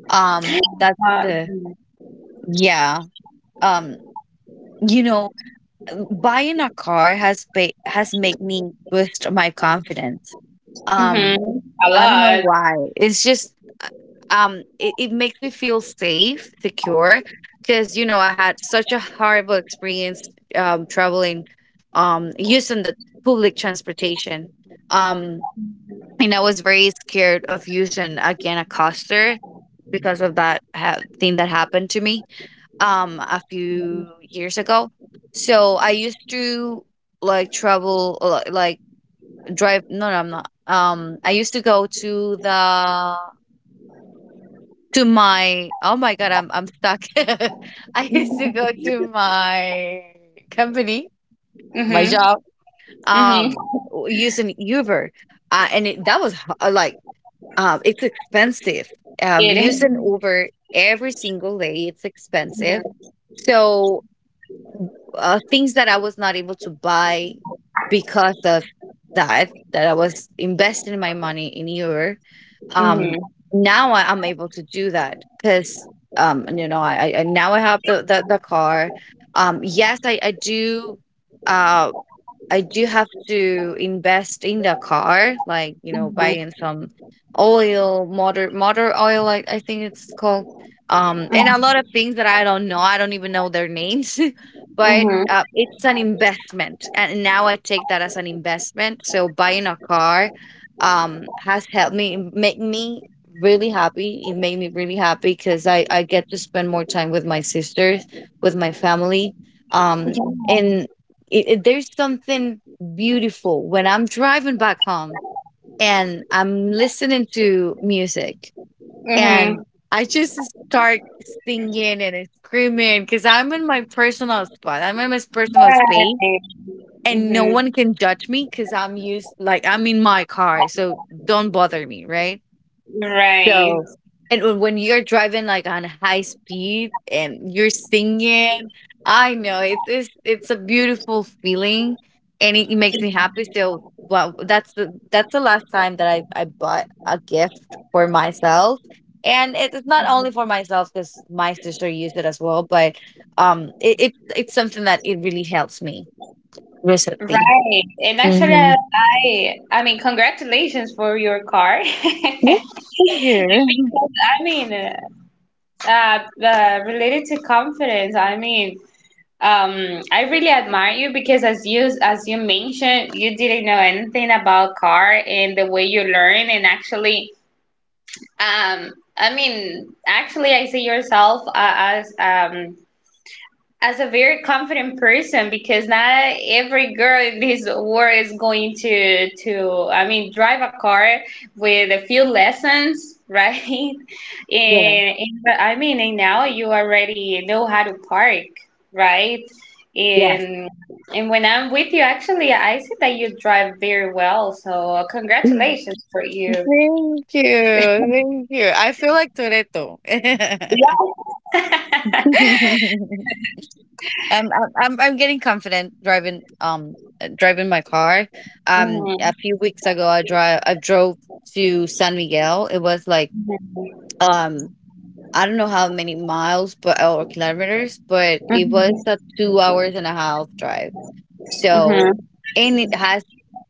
Speaker 1: That's
Speaker 2: Uh,
Speaker 1: the yeah. Um, you know, buying a car has has made me boost my confidence. Um,
Speaker 2: mm-hmm. A
Speaker 1: I don't know
Speaker 2: lot.
Speaker 1: why. It's just uh, it it makes me feel safe, secure because you know I had such a horrible experience traveling using the public transportation. Um, and I was very scared of using again a coaster because of that thing that happened to me a few years ago. So I used to like travel like drive no no I'm not I used to go to the to my oh my god, I'm stuck. I used to go to my company, my
Speaker 2: Mm-hmm.
Speaker 1: job,
Speaker 2: Mm-hmm.
Speaker 1: using Uber, and that was like it's expensive.
Speaker 2: It
Speaker 1: Using
Speaker 2: is.
Speaker 1: Uber every single day, it's expensive.
Speaker 2: Mm-hmm.
Speaker 1: So things that I was not able to buy because of that, that I was investing my money in Europe. Um, now I, I'm able to do that because, you know, now I have the the car. Yes, I do. Uh, I do have to invest in the car, like you know,
Speaker 2: Mm-hmm.
Speaker 1: buying some oil, motor oil, like I think it's called, and a lot of things that I don't know. I don't even know their names, but
Speaker 2: Mm-hmm.
Speaker 1: it's an investment, and now I take that as an investment. So buying a car, has helped me, it make me really happy. It made me really happy because I get to spend more time with my sisters, with my family, um. And there's something beautiful when I'm driving back home and I'm listening to music
Speaker 2: Mm-hmm.
Speaker 1: and
Speaker 2: Mm-hmm.
Speaker 1: I just start singing and screaming because I'm in my personal spot. I'm in my personal space
Speaker 2: Right.
Speaker 1: and no
Speaker 2: Mm-hmm.
Speaker 1: one can judge me because I'm used, like, I'm in my car. So don't bother me, right?
Speaker 2: Right.
Speaker 1: No. And when you're driving, like, on high speed and you're singing, I know it's a beautiful feeling, and it makes me happy, so, well, that's the last time that I bought a gift for myself, and it is not only for myself because my sister used it as well, but, it's something that it really helps me recently.
Speaker 2: Right. And actually,
Speaker 1: Mhm.
Speaker 2: congratulations for your car.
Speaker 1: Good
Speaker 2: Because
Speaker 1: you.
Speaker 2: I mean, uh, related to confidence, I mean, I really admire you because as you mentioned, you didn't know anything about car and the way you learn and actually, um, I mean, actually, I see yourself as a very confident person because not every girl in this world is going to I mean drive a car with a few lessons, right? And but I mean, and now you already know how to park, right?
Speaker 1: Yeah. Yes.
Speaker 2: And and when I'm with you, actually, I see that you drive very well. So congratulations for you.
Speaker 1: Thank you, thank you. I feel like Toretto.
Speaker 2: Yeah.
Speaker 1: I'm, I'm I'm getting confident driving driving my car. A
Speaker 2: Mm-hmm.
Speaker 1: few weeks ago, I drove to San Miguel. It was like um I don't know how many miles but or kilometers, but it was
Speaker 2: Mm-hmm.
Speaker 1: a 2 hours and a half drive. So,
Speaker 2: Mm-hmm.
Speaker 1: and it has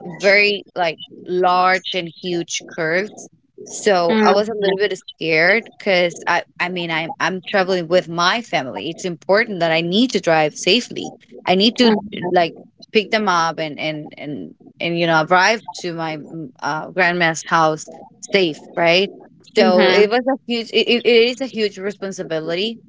Speaker 1: very like large and huge curves. So I was a
Speaker 2: Mm-hmm.
Speaker 1: little bit scared because I mean, I'm traveling with my family. It's important that I need to drive safely. I need to like pick them up and you know arrive to my grandma's house safe, right? So
Speaker 2: Mm-hmm.
Speaker 1: it was a huge. It is a huge responsibility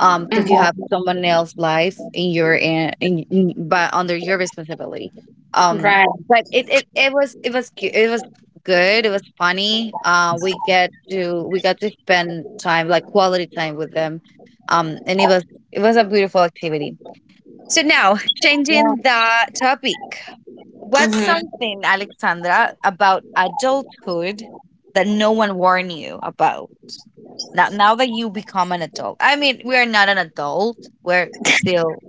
Speaker 1: because you have
Speaker 2: Mm-hmm.
Speaker 1: someone else's life in your in but under your responsibility um
Speaker 2: Right.
Speaker 1: but it was it was good, it was funny we got to spend time like quality time with them and it was a beautiful activity. So now changing
Speaker 2: Yeah.
Speaker 1: the topic. What's
Speaker 2: Mm-hmm.
Speaker 1: something, Alexandra, about adulthood that no one warned you about? Now that you become an adult, I mean, we are not an adult. We're still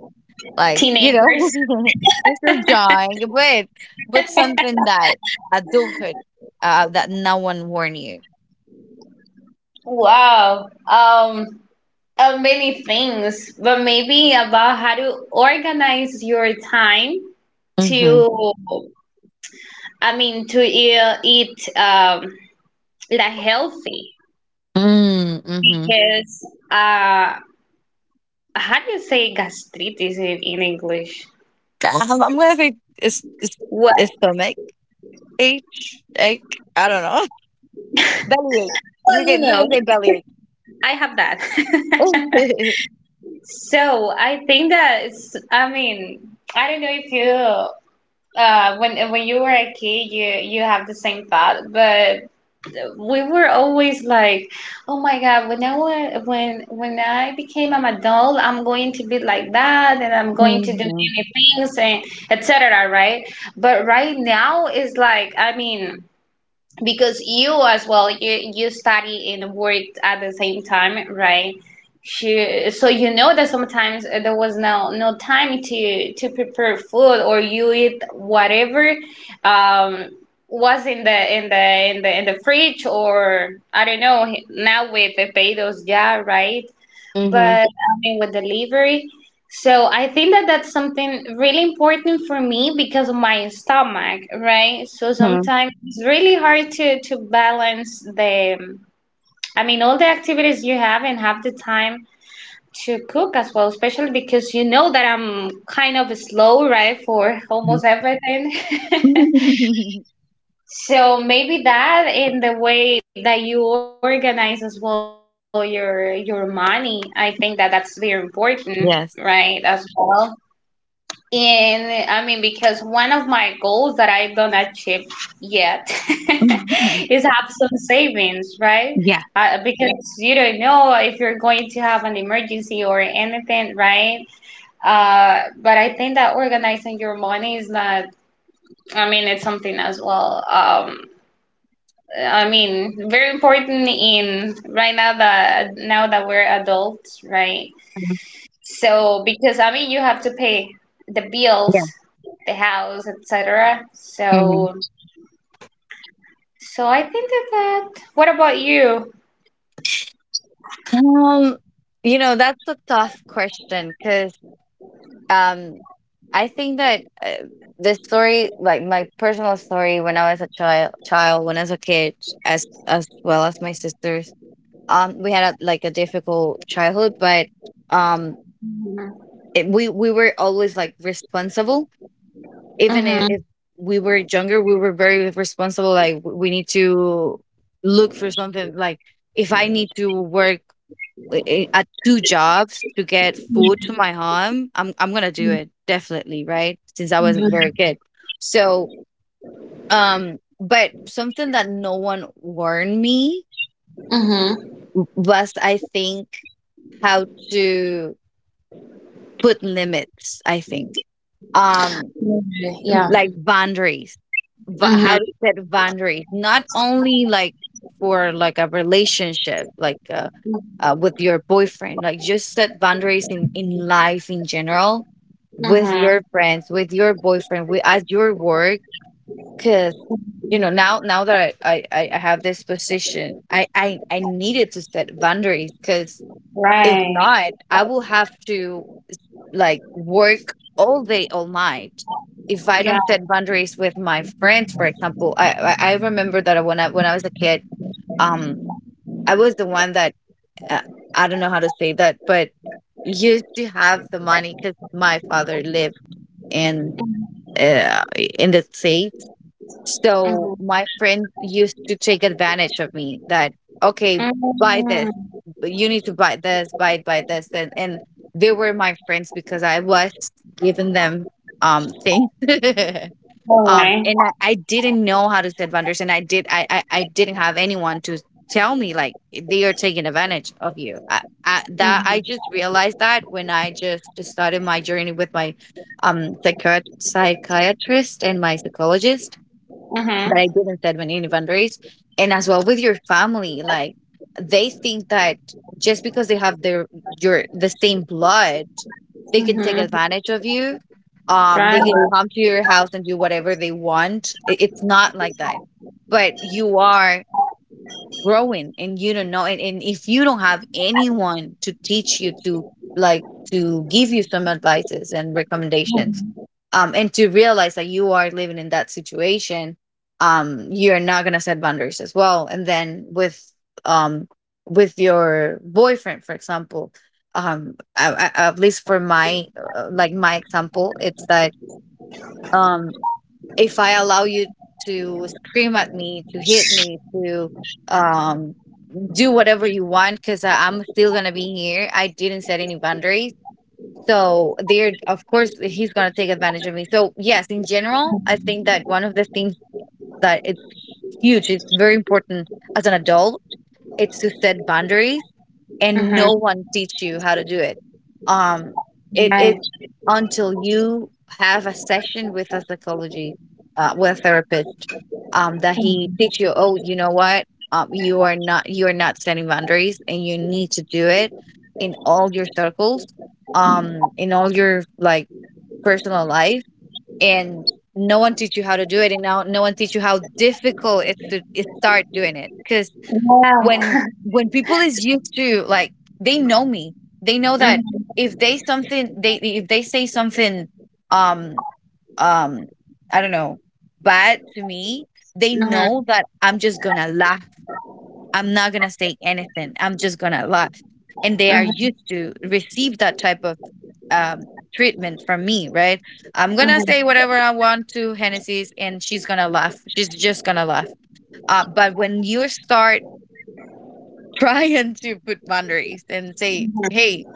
Speaker 1: like, you know,
Speaker 2: Teenagers.
Speaker 1: we're still young. But what's something that adulthood that no one warned you?
Speaker 2: Wow. Of many things, but maybe about how to organize your time
Speaker 1: Mm-hmm.
Speaker 2: to, I mean, to eat like healthy.
Speaker 1: Mm. Mm-hmm.
Speaker 2: Because, how do you say gastritis in English?
Speaker 1: I'm gonna say it's
Speaker 2: Well,
Speaker 1: stomach ache, ache. I don't know. Belly ache. You
Speaker 2: well, you
Speaker 1: can
Speaker 2: know,
Speaker 1: say belly
Speaker 2: I have that.
Speaker 1: ache.
Speaker 2: So I think that it's, I mean, I don't know if you when you were a kid, you have the same thought, but we were always like, oh my god, when when I became an adult, I'm going to be like that, and I'm going to do
Speaker 1: Mhm.
Speaker 2: many things and etc. Right? But right now, it's like I mean because you as well you study and worked at the same time right she, so you know that sometimes there was no time to prepare food or you eat whatever um was in the in the fridge or I don't know now with the pedos yeah right
Speaker 1: Mhm.
Speaker 2: but I mean with delivery. So I think that that's something really important for me because of my stomach, right? So
Speaker 1: Mhm.
Speaker 2: sometimes it's really hard to balance the, I mean, all the activities you have and have the time to cook as well, especially because you know that I'm kind of slow, right, for
Speaker 1: Mhm.
Speaker 2: almost everything. So maybe that in the way that you organize as well your money, I think that that's very important, right?
Speaker 1: Yes.
Speaker 2: As well. And I mean, because one of my goals that I don't achieve yet is
Speaker 1: Mhm.
Speaker 2: have some savings, right?
Speaker 1: Yeah.
Speaker 2: Because you don't know if you're going to have an emergency or anything, right? But I think that organizing your money is not, I mean, it's something as well. I mean, very important in right now that now that we're adults, right?
Speaker 1: Mhm.
Speaker 2: So because I mean, you have to pay the bills,
Speaker 1: Yeah.
Speaker 2: the house, etc.
Speaker 1: Mhm.
Speaker 2: So I think that, what about you?
Speaker 1: Um, you know, that's a tough question because um, I think that the story, like my personal story, when I was a child, when I was a kid, as well as my sisters, we had a, like a difficult childhood, but um,
Speaker 2: Mm-hmm.
Speaker 1: we were always like responsible even
Speaker 2: Mm-hmm.
Speaker 1: if we were younger, we were very responsible. Like we need to look for something. Like if I need to work at 2 jobs to get food to my home, I'm gonna do it definitely, right? Since I was a very kid. So, but something that no one warned me
Speaker 2: Mm-hmm.
Speaker 1: was, I think, how to put limits. I think um
Speaker 2: Yeah.
Speaker 1: like boundaries, but
Speaker 2: Mm-hmm.
Speaker 1: how to set boundaries not only like for like a relationship like with your boyfriend, like just set boundaries in life in general, with
Speaker 2: Mm-hmm.
Speaker 1: your friends, with your boyfriend, with at your work, because you know now now that I have this position I needed to set boundaries because if
Speaker 2: Right.
Speaker 1: not I will have to like work all day, all night. If I
Speaker 2: Yeah.
Speaker 1: don't set boundaries with my friends, for example, I remember that when I was a kid, um, I was the one that uh, I don't know how to say that, but used to have the money because my father lived in uh in the States, so
Speaker 2: Mm-hmm.
Speaker 1: my friend used to take advantage of me that, okay, buy this.
Speaker 2: Mm-hmm.
Speaker 1: But you need to buy this, buy this. And they were my friends because I was giving them things.
Speaker 2: All
Speaker 1: um
Speaker 2: right.
Speaker 1: and I, I didn't know how to set boundaries, and I didn't have anyone to tell me like they are taking advantage of you. I
Speaker 2: Mm-hmm.
Speaker 1: just realized that when I just started my journey with my psychiatrist and my psychologist,
Speaker 2: Mm-hmm.
Speaker 1: but I didn't set any boundaries. And as well with your family, like they think that just because they have their your the same blood, they can take
Speaker 2: Mm-hmm.
Speaker 1: advantage of you.
Speaker 2: Right.
Speaker 1: They can come to your house and do whatever they want. It's not like that. But you are growing and you don't know it. And if you don't have anyone to teach you to like to give you some advices and recommendations, and to realize that you are living in that situation, you're not gonna set boundaries as well. And then with um with your boyfriend, for example, at least for my like my example, it's that um if I allow you to scream at me, to hit me, to um do whatever you want because I'm still gonna be here. I didn't set any boundaries. So there, of course he's gonna take advantage of me. So yes, in general, I think that one of the things that it's huge, it's very important as an adult, it's to set boundaries, and no
Speaker 2: Mm-hmm.
Speaker 1: one teach you how to do it. Um, it
Speaker 2: Right.
Speaker 1: until you have a session with a psychology with a therapist, that he teach you. Oh, you know what? You are not setting boundaries, and you need to do it in all your circles, in all your like personal life, and no one teach you how to do it, and now no one teach you how difficult it's to is start doing it because
Speaker 2: Wow.
Speaker 1: when people is used to like they know me, they know that if they something, they if they say something, um um I don't know, bad to me, they
Speaker 2: Uh-huh,
Speaker 1: know that I'm just gonna laugh. I'm not gonna say anything, I'm just gonna laugh, and they are
Speaker 2: uh-huh,
Speaker 1: used to receive that type of um treatment from me, right? I'm gonna say
Speaker 2: uh-huh,
Speaker 1: whatever I want to Hennessy's and she's gonna laugh, she's just gonna laugh. But when you start trying to put boundaries and say,
Speaker 2: uh-huh.
Speaker 1: "Hey,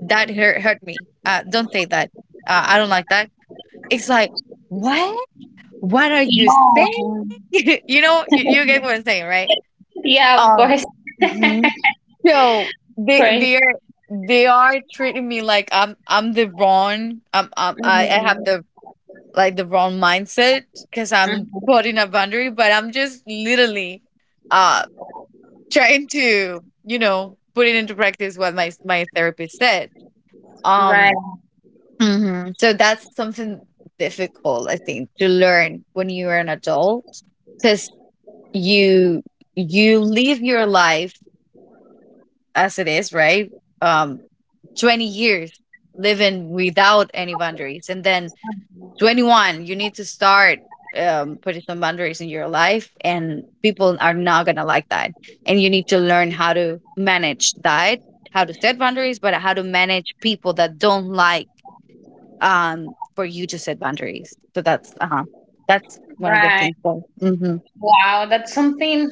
Speaker 1: that hurt me. Don't say that. I don't like that." It's like, what? What are you saying?
Speaker 2: Yeah.
Speaker 1: You get what I'm saying, right?
Speaker 2: Yeah, of
Speaker 1: Um,
Speaker 2: course, of
Speaker 1: mhm. So they they
Speaker 2: course.
Speaker 1: are they are treating me like I'm the wrong I have the
Speaker 2: Mhm,
Speaker 1: like the wrong mindset because I'm
Speaker 2: mhm.
Speaker 1: putting a boundary, but I'm just literally uh trying to, you know, put it into practice what my therapist said.
Speaker 2: Right,
Speaker 1: Um, mhm. So that's something difficult, I think, to learn when you are an adult, because you you live your life as it is, right? Um, 20 years living without any boundaries, and then 21 you need to start putting some boundaries in your life, and people are not going to like that, and you need to learn how to manage that, how to set boundaries, but how to manage people that don't like for you to set boundaries. So that's that's one of the
Speaker 2: right.
Speaker 1: things. So, mhm.
Speaker 2: Wow, that's something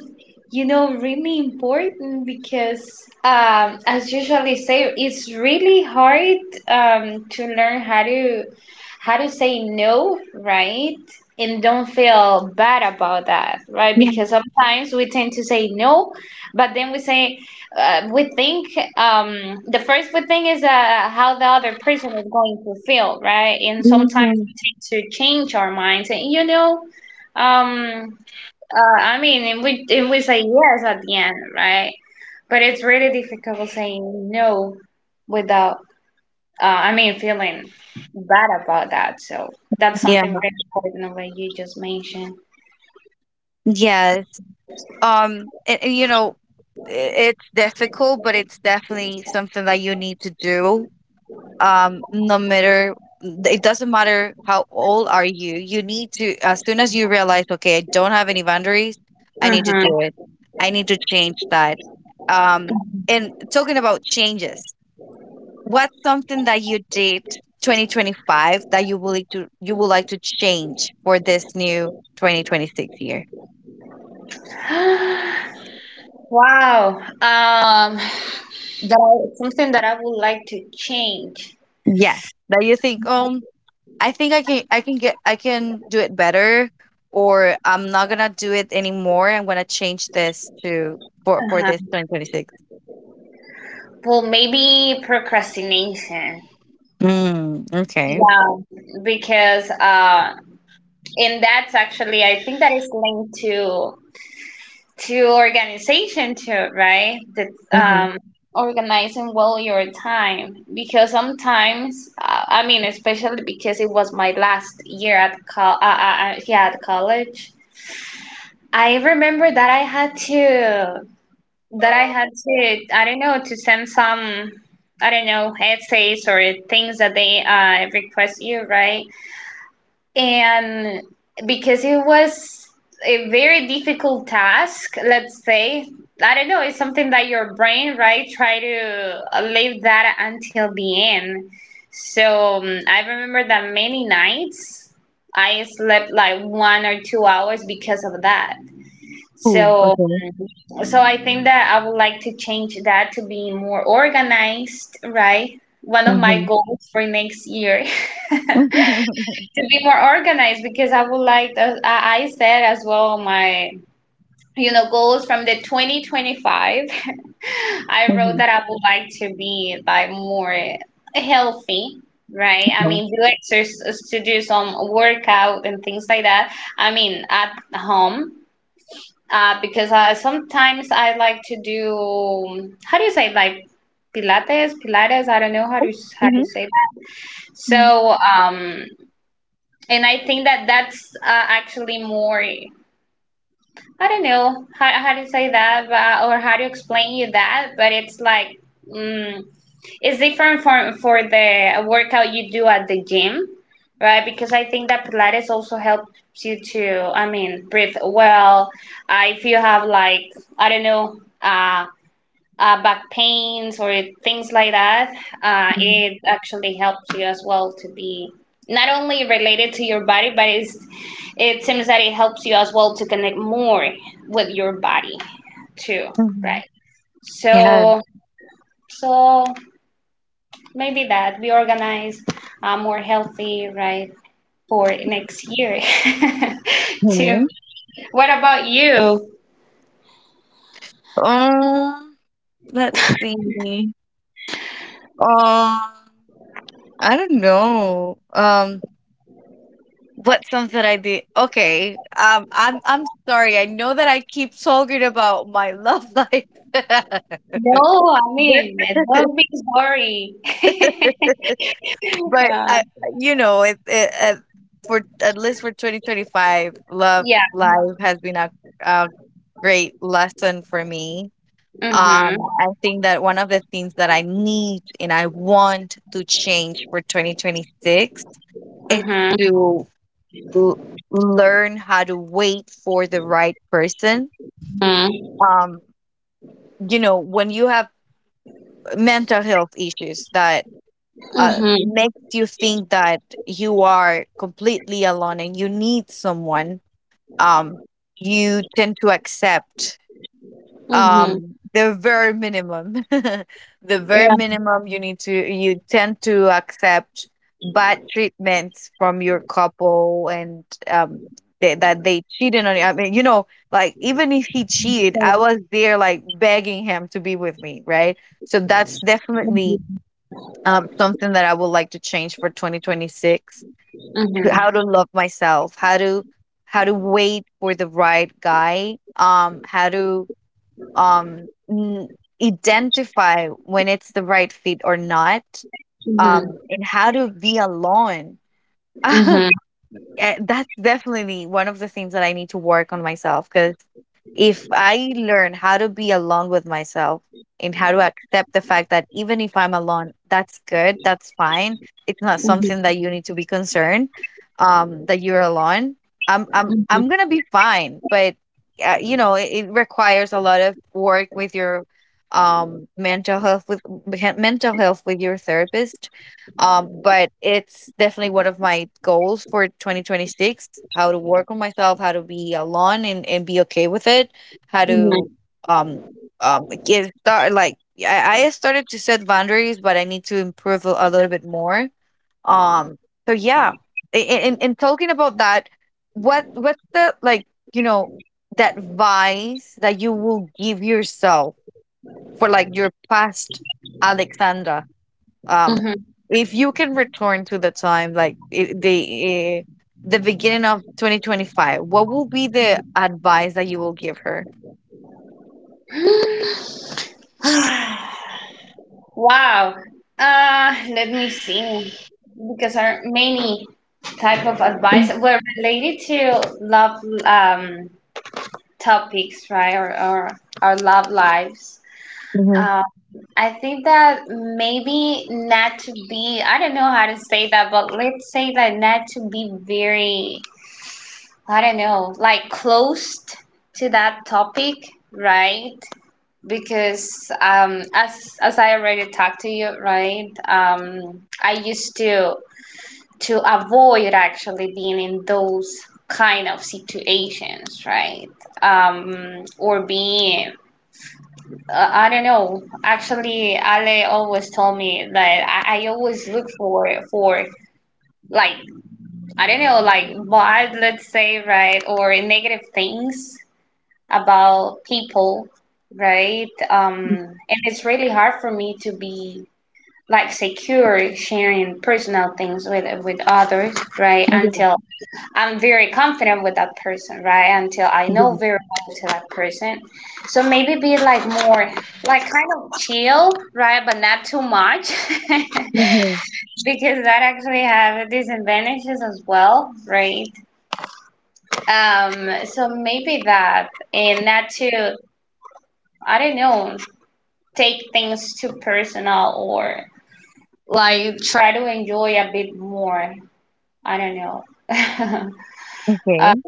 Speaker 2: really important because as usually say, it's really hard, to learn how to say no, right? And don't feel bad about that, right?
Speaker 1: Yeah.
Speaker 2: Because sometimes we tend to say no, but then we think, the first we think is, how the other person is going to feel, right? And sometimes
Speaker 1: Mhm.
Speaker 2: we tend to change our minds, and. Um, I mean, if we say yes at the end, right? But it's really difficult saying no without, I mean, feeling bad about that. So that's
Speaker 1: Yeah,
Speaker 2: something really important that you just mentioned.
Speaker 1: yes. You know, i- it's difficult, but it's definitely something that you need to do. No matter, it doesn't matter how old are you, you need to, as soon as you realize, okay, I don't have any boundaries, I need to
Speaker 2: Mm-hmm.
Speaker 1: do it, I need to change that. um and talking about changes, what's something that you did 2025 that you would like to, you would like to change for this new 2026 year,
Speaker 2: Wow. Something that I would like to change.
Speaker 1: yes, that you think? I think I can do it better, or I'm not gonna do it anymore. I'm gonna change this to for
Speaker 2: Uh-huh.
Speaker 1: this 2026.
Speaker 2: Well, maybe procrastination.
Speaker 1: Mm, okay.
Speaker 2: Yeah, because and that's actually, I think that is linked to organization too, right? That,
Speaker 1: Mm-hmm.
Speaker 2: organizing well your time, because sometimes, I mean, especially because it was my last year at college. I remember that I had to, I don't know, to send some, I don't know, essays or things that they, request you, right? And because it was a very difficult task, let's say, I don't know, it's something that your brain, right, try to leave that until the end. So I remember that many nights I slept like 1 or 2 hours because of that.
Speaker 1: Ooh,
Speaker 2: so
Speaker 1: okay.
Speaker 2: so I think that I would like to change that, to be more organized, right? One of my
Speaker 1: Mm-hmm.
Speaker 2: goals for next year to be more organized, because I would like, I said as well my goals from the 2025. I wrote
Speaker 1: Mm-hmm.
Speaker 2: that I would like to be like more healthy, right? I
Speaker 1: Yeah.
Speaker 2: mean, do exercise, to do some workout and things like that, I mean, at home, because, sometimes I like to do, how do you say, like, pilates, I don't know how to say that.
Speaker 1: Mm-hmm.
Speaker 2: So and I think that that's, actually more, I don't know how to say that, but, or how to explain you that, but it's like, mm, it's different for the workout you do at the gym, right? Because I think that Pilates also helps you to, I mean, breathe well. If you have, like, I don't know. Back pains or things like that,
Speaker 1: Mm-hmm.
Speaker 2: it actually helps you as well to be not only related to your body, but it's, it seems that it helps you as well to connect more with your body too,
Speaker 1: Mm-hmm.
Speaker 2: right?
Speaker 1: Yeah.
Speaker 2: So, so maybe that, be organized, more healthy, right, for next year too.
Speaker 1: Mhm.
Speaker 2: What about you?
Speaker 1: Um, let's see. Um, I don't know. What's something I did? Okay. I'm sorry. I know that I keep talking about my love life, but
Speaker 2: No, I mean, don't be sorry.
Speaker 1: but
Speaker 2: Uh,
Speaker 1: I, you know, for at least for 2025, love
Speaker 2: yeah.
Speaker 1: life has been a great lesson for me.
Speaker 2: Hmm.
Speaker 1: I think that one of the things that I need and I want to change for 2026 is
Speaker 2: Mhm.
Speaker 1: to l- learn how to wait for the right person.
Speaker 2: Mhm.
Speaker 1: Um, you know, when you have mental health issues that
Speaker 2: Mhm.
Speaker 1: makes you think that you are completely alone and you need someone, um, you tend to accept
Speaker 2: Mhm.
Speaker 1: the very minimum, the very
Speaker 2: Yeah.
Speaker 1: minimum. You need to, you tend to accept bad treatments from your couple and um they, that they cheated on you. I mean, you know, like even if he cheated,
Speaker 2: Sure.
Speaker 1: I was there like begging him to be with me, right? So that's definitely
Speaker 2: Mhm.
Speaker 1: something that I would like to change for 2026. To
Speaker 2: Mhm.
Speaker 1: how to love myself, how to wait for the right guy, how to um n- identify when it's the right fit or not,
Speaker 2: Mhm.
Speaker 1: and how to be alone.
Speaker 2: Mhm.
Speaker 1: Eh, that's definitely one of the things that I need to work on myself, because if I learn how to be alone with myself and how to accept the fact that even if I'm alone, that's good, that's fine. It's not something
Speaker 2: Mhm.
Speaker 1: that you need to be concerned, that you're alone. I'm I'm
Speaker 2: Mhm.
Speaker 1: I'm gonna be fine, but you know, it requires a lot of work with your mental health, with mental health, with your therapist, but it's definitely one of my goals for 2026, how to work on myself, how to be alone and be okay with it, how to
Speaker 2: Mhm.
Speaker 1: um get start like yeah, I started to set boundaries, but I need to improve a little bit more. Um so yeah. In talking about that, what's the like, you know, that advice that you will give yourself for like your past Alexandra? um
Speaker 2: Mhm.
Speaker 1: if you can return to the time like the beginning of 2025, what will be the advice that you will give her?
Speaker 2: Wow. Let me see. Because our many type of
Speaker 1: Mm-hmm.
Speaker 2: advice were related to love, um, topics, right? Or our love lives. Um, I think that maybe not to be, I don't know how to say that, but let's say that not to be very, I don't know, like, close to that topic, right? Because as I already talked to you, right? I used to avoid actually being in those kind of situations, right? Or being, I don't know. Actually, Ale always told me that I always look for like, I don't know, like bad, let's say, right, or negative things about people, right? And it's really hard for me to be like secure sharing personal things with others, right?
Speaker 1: Mm-hmm.
Speaker 2: Until I'm very confident with that person, right? Until I know very well to that person. So maybe be like more, like, kind of chill, right? But not too much. Because that actually have disadvantages as well, right? So maybe that, and not to, I don't know, take things too personal or like try to enjoy a bit more. I don't know. um,
Speaker 1: Okay.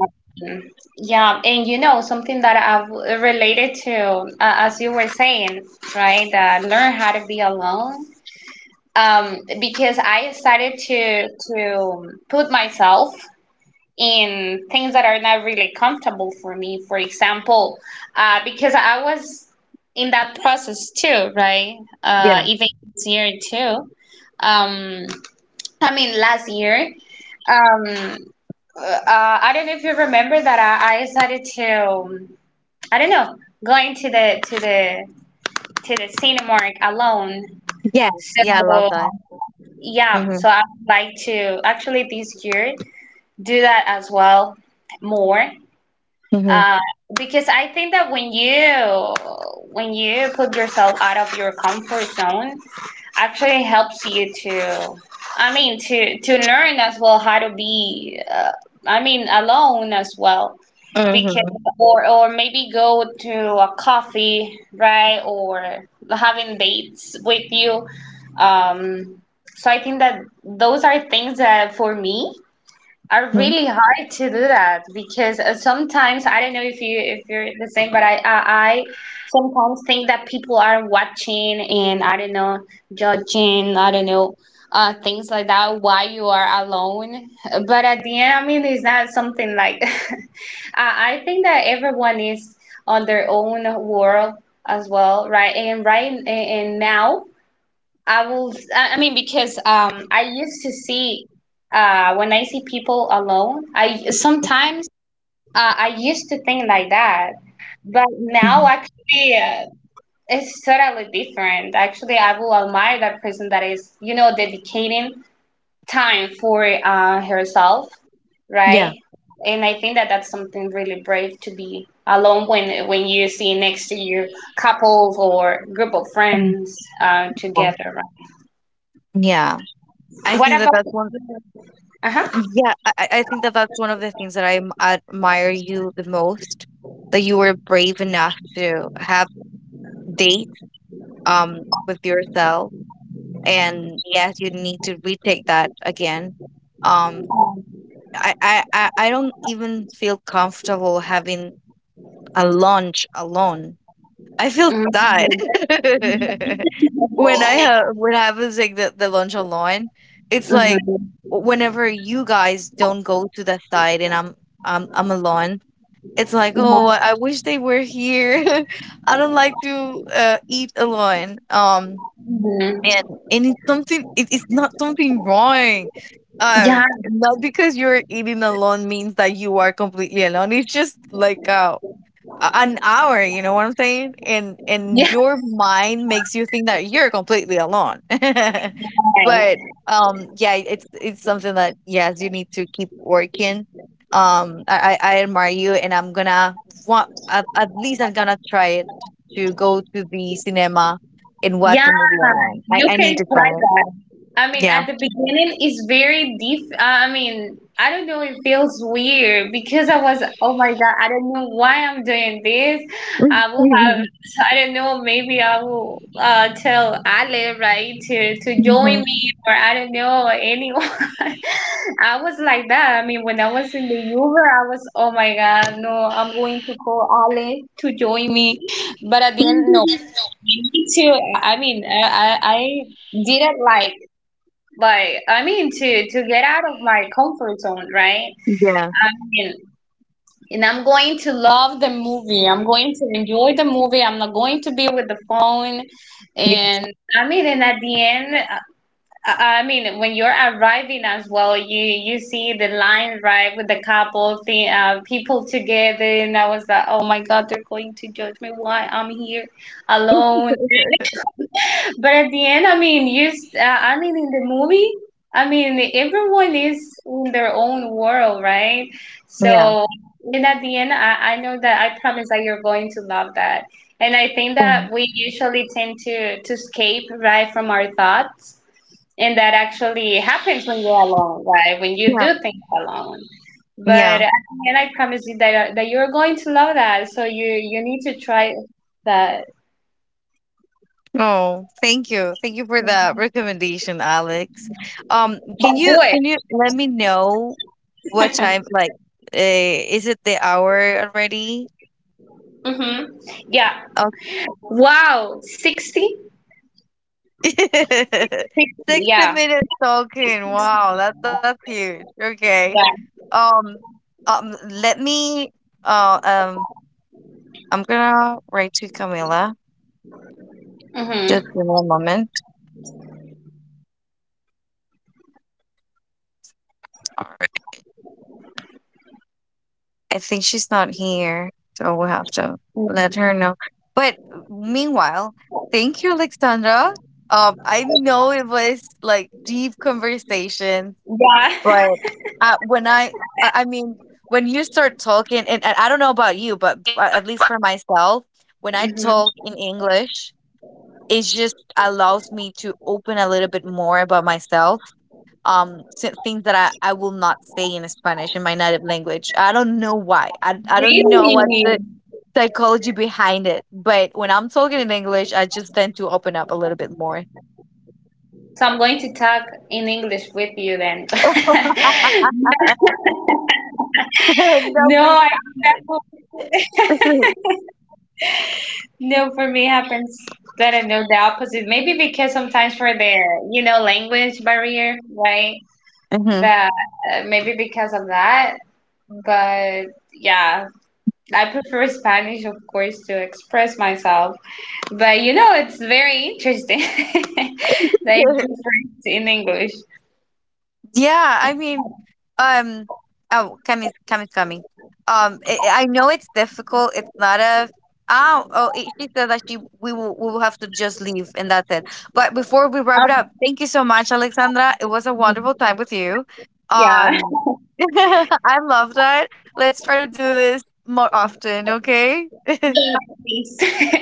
Speaker 2: yeah, and something that I've related to, as you were saying, right? That learn how to be alone. Because I started to put myself in things that are not really comfortable for me. For example, because I was in that process too, right?
Speaker 1: Yeah.
Speaker 2: Even this year too. Um, I mean, last year. Um, uh, I don't know if you remember that I decided to, I don't know, going to the Cinemark alone.
Speaker 1: Yeah. Yeah, I love
Speaker 2: So
Speaker 1: that.
Speaker 2: yeah,
Speaker 1: Mm-hmm.
Speaker 2: so I would like to actually this year do that as well more.
Speaker 1: Mm-hmm.
Speaker 2: Uh, because I think that when you put yourself out of your comfort zone, actually helps you to, I mean, to learn as well how to be, I mean, alone as well, because
Speaker 1: Mm-hmm.
Speaker 2: or maybe go to a coffee, right, or having dates with you. Um, so I think that those are things that for me are
Speaker 1: Mm-hmm.
Speaker 2: really hard to do that, because sometimes I don't know if you if you're the same, but I sometimes think that people are watching and, I don't know, judging, I don't know, things like that, why you are alone. But at the end, I mean, it's not something like I think that everyone is on their own world as well, right? And right and now. I will. I mean, because I used to see, when I see people alone. I sometimes I used to think like that, but now actually it's totally different. Actually, I will admire that person that is, you know, dedicating time for, herself,
Speaker 1: Yeah.
Speaker 2: right? And I think that that's something really brave to be alone when you see next to you couples or group of
Speaker 1: Wonderful.
Speaker 2: friends, together, right?
Speaker 1: Yeah, I
Speaker 2: What
Speaker 1: think that
Speaker 2: about.
Speaker 1: that's one
Speaker 2: Uh-huh.
Speaker 1: yeah, I think that that's one of the things that I admire you the most, that you were brave enough to have date with yourself, and yes, you need to retake that again. um I don't even feel comfortable having a lunch alone. I feel sad
Speaker 2: Mhm.
Speaker 1: when I have, when I was like the lunch alone, it's like
Speaker 2: Mhm.
Speaker 1: whenever you guys don't go to the side and I'm alone, it's like, oh,
Speaker 2: Yeah.
Speaker 1: I wish they were here. I don't like to eat alone.
Speaker 2: Mhm.
Speaker 1: And it's something, it's not something wrong.
Speaker 2: Yeah.
Speaker 1: Not because you're eating alone means that you are completely alone. It's just like a an hour, you know what I'm saying? And
Speaker 2: Yeah.
Speaker 1: your mind makes you think that you're completely alone. But, yeah, it's something that yes, you need to keep working. I admire you, and I'm gonna want, at least I'm gonna try it to go to the cinema and watch
Speaker 2: Yeah.
Speaker 1: a movie I want.
Speaker 2: You
Speaker 1: I
Speaker 2: can
Speaker 1: need to
Speaker 2: try
Speaker 1: try it.
Speaker 2: that. I mean,
Speaker 1: Yeah.
Speaker 2: at the beginning, it's very deep. I mean, I don't know. It feels weird because I was, oh my God, I don't know why I'm doing this. I will have, I don't know. Maybe I will, tell Ale, right, to join
Speaker 1: Mhm.
Speaker 2: me, or I don't know anyone. I was like that. I mean, when I was in the Uber, I was, oh my God, no, I'm going to call Ale to join me. But at the end, no, me too. I mean, I didn't, like, I mean, to get out of my comfort zone, right?
Speaker 1: Yeah.
Speaker 2: I mean, and I'm going to love the movie. I'm going to enjoy the movie. I'm not going to be with the phone.
Speaker 1: Yeah.
Speaker 2: And I mean, and at the end, I mean, when you're arriving as well, you see the line, right, with the couple, the, people together, and I was like, oh my God, they're going to judge me. Why I'm here alone? But at the end, I mean, you. I mean, in the movie, I mean, everyone is in their own world, right? So,
Speaker 1: Yeah.
Speaker 2: and at the end, I know that I promise that you're going to love that. And I think that we usually tend to escape, right, from our thoughts, and that actually happens when you're alone, right? When you
Speaker 1: Yeah.
Speaker 2: do things alone. But
Speaker 1: Yeah.
Speaker 2: and I promise you that, that you're going to love that. So you need to try that.
Speaker 1: Oh, thank you. Thank you for the recommendation, Alex.
Speaker 2: But do it.
Speaker 1: Can you let me know what time like is it the hour already?
Speaker 2: Mm-hmm. Yeah.
Speaker 1: Oh.
Speaker 2: Wow, 60?
Speaker 1: 60
Speaker 2: Yeah,
Speaker 1: minutes talking. Wow, that's huge. Okay.
Speaker 2: yeah.
Speaker 1: Um let me uh um I'm gonna write to Camila. Just
Speaker 2: Mm-hmm.
Speaker 1: give me a moment. All I think she's not here, so we'll have to let her know. But meanwhile, thank you, Alexandra. I know it was like deep conversation,
Speaker 2: Yeah.
Speaker 1: but when I mean, when you start talking, and I don't know about you, but at least for myself,
Speaker 2: Mm-hmm.
Speaker 1: when I talk in English, it just allows me to open a little bit more about myself, things that I will not say in Spanish, in my native language. I don't know why. I don't
Speaker 2: Really?
Speaker 1: know what's the psychology behind it. But when I'm talking in English, I just tend to open up a little bit more.
Speaker 2: So I'm going to talk in English with you then.
Speaker 1: No,
Speaker 2: No,
Speaker 1: please
Speaker 2: I
Speaker 1: don't.
Speaker 2: no for me happens that I know the opposite. Maybe because sometimes for the language barrier, right?
Speaker 1: Mhm.
Speaker 2: That, maybe because of that, but yeah, I prefer Spanish, of course, to express myself. But you know, it's very interesting that you do French in English.
Speaker 1: Yeah, I mean, um, oh, coming, coming, coming. I know it's difficult. It's not a, oh, oh. It, she said that she, we will, we will have to just leave and that's it. But before we wrap it up,
Speaker 2: Um,
Speaker 1: thank you so much, Alexandra. It was a wonderful time with you.
Speaker 2: yeah.
Speaker 1: Um, I love that. Let's try to do this more often, okay?
Speaker 2: Yeah. Please.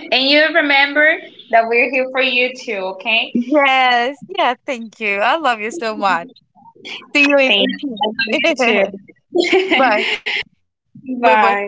Speaker 2: And you remember that we're here for you too, okay?
Speaker 1: Yes, yeah. Thank you. I love you so much. See you
Speaker 2: Thanks.
Speaker 1: in peace.
Speaker 2: I love you
Speaker 1: Bye.
Speaker 2: too. Bye.
Speaker 1: Bye. Bye.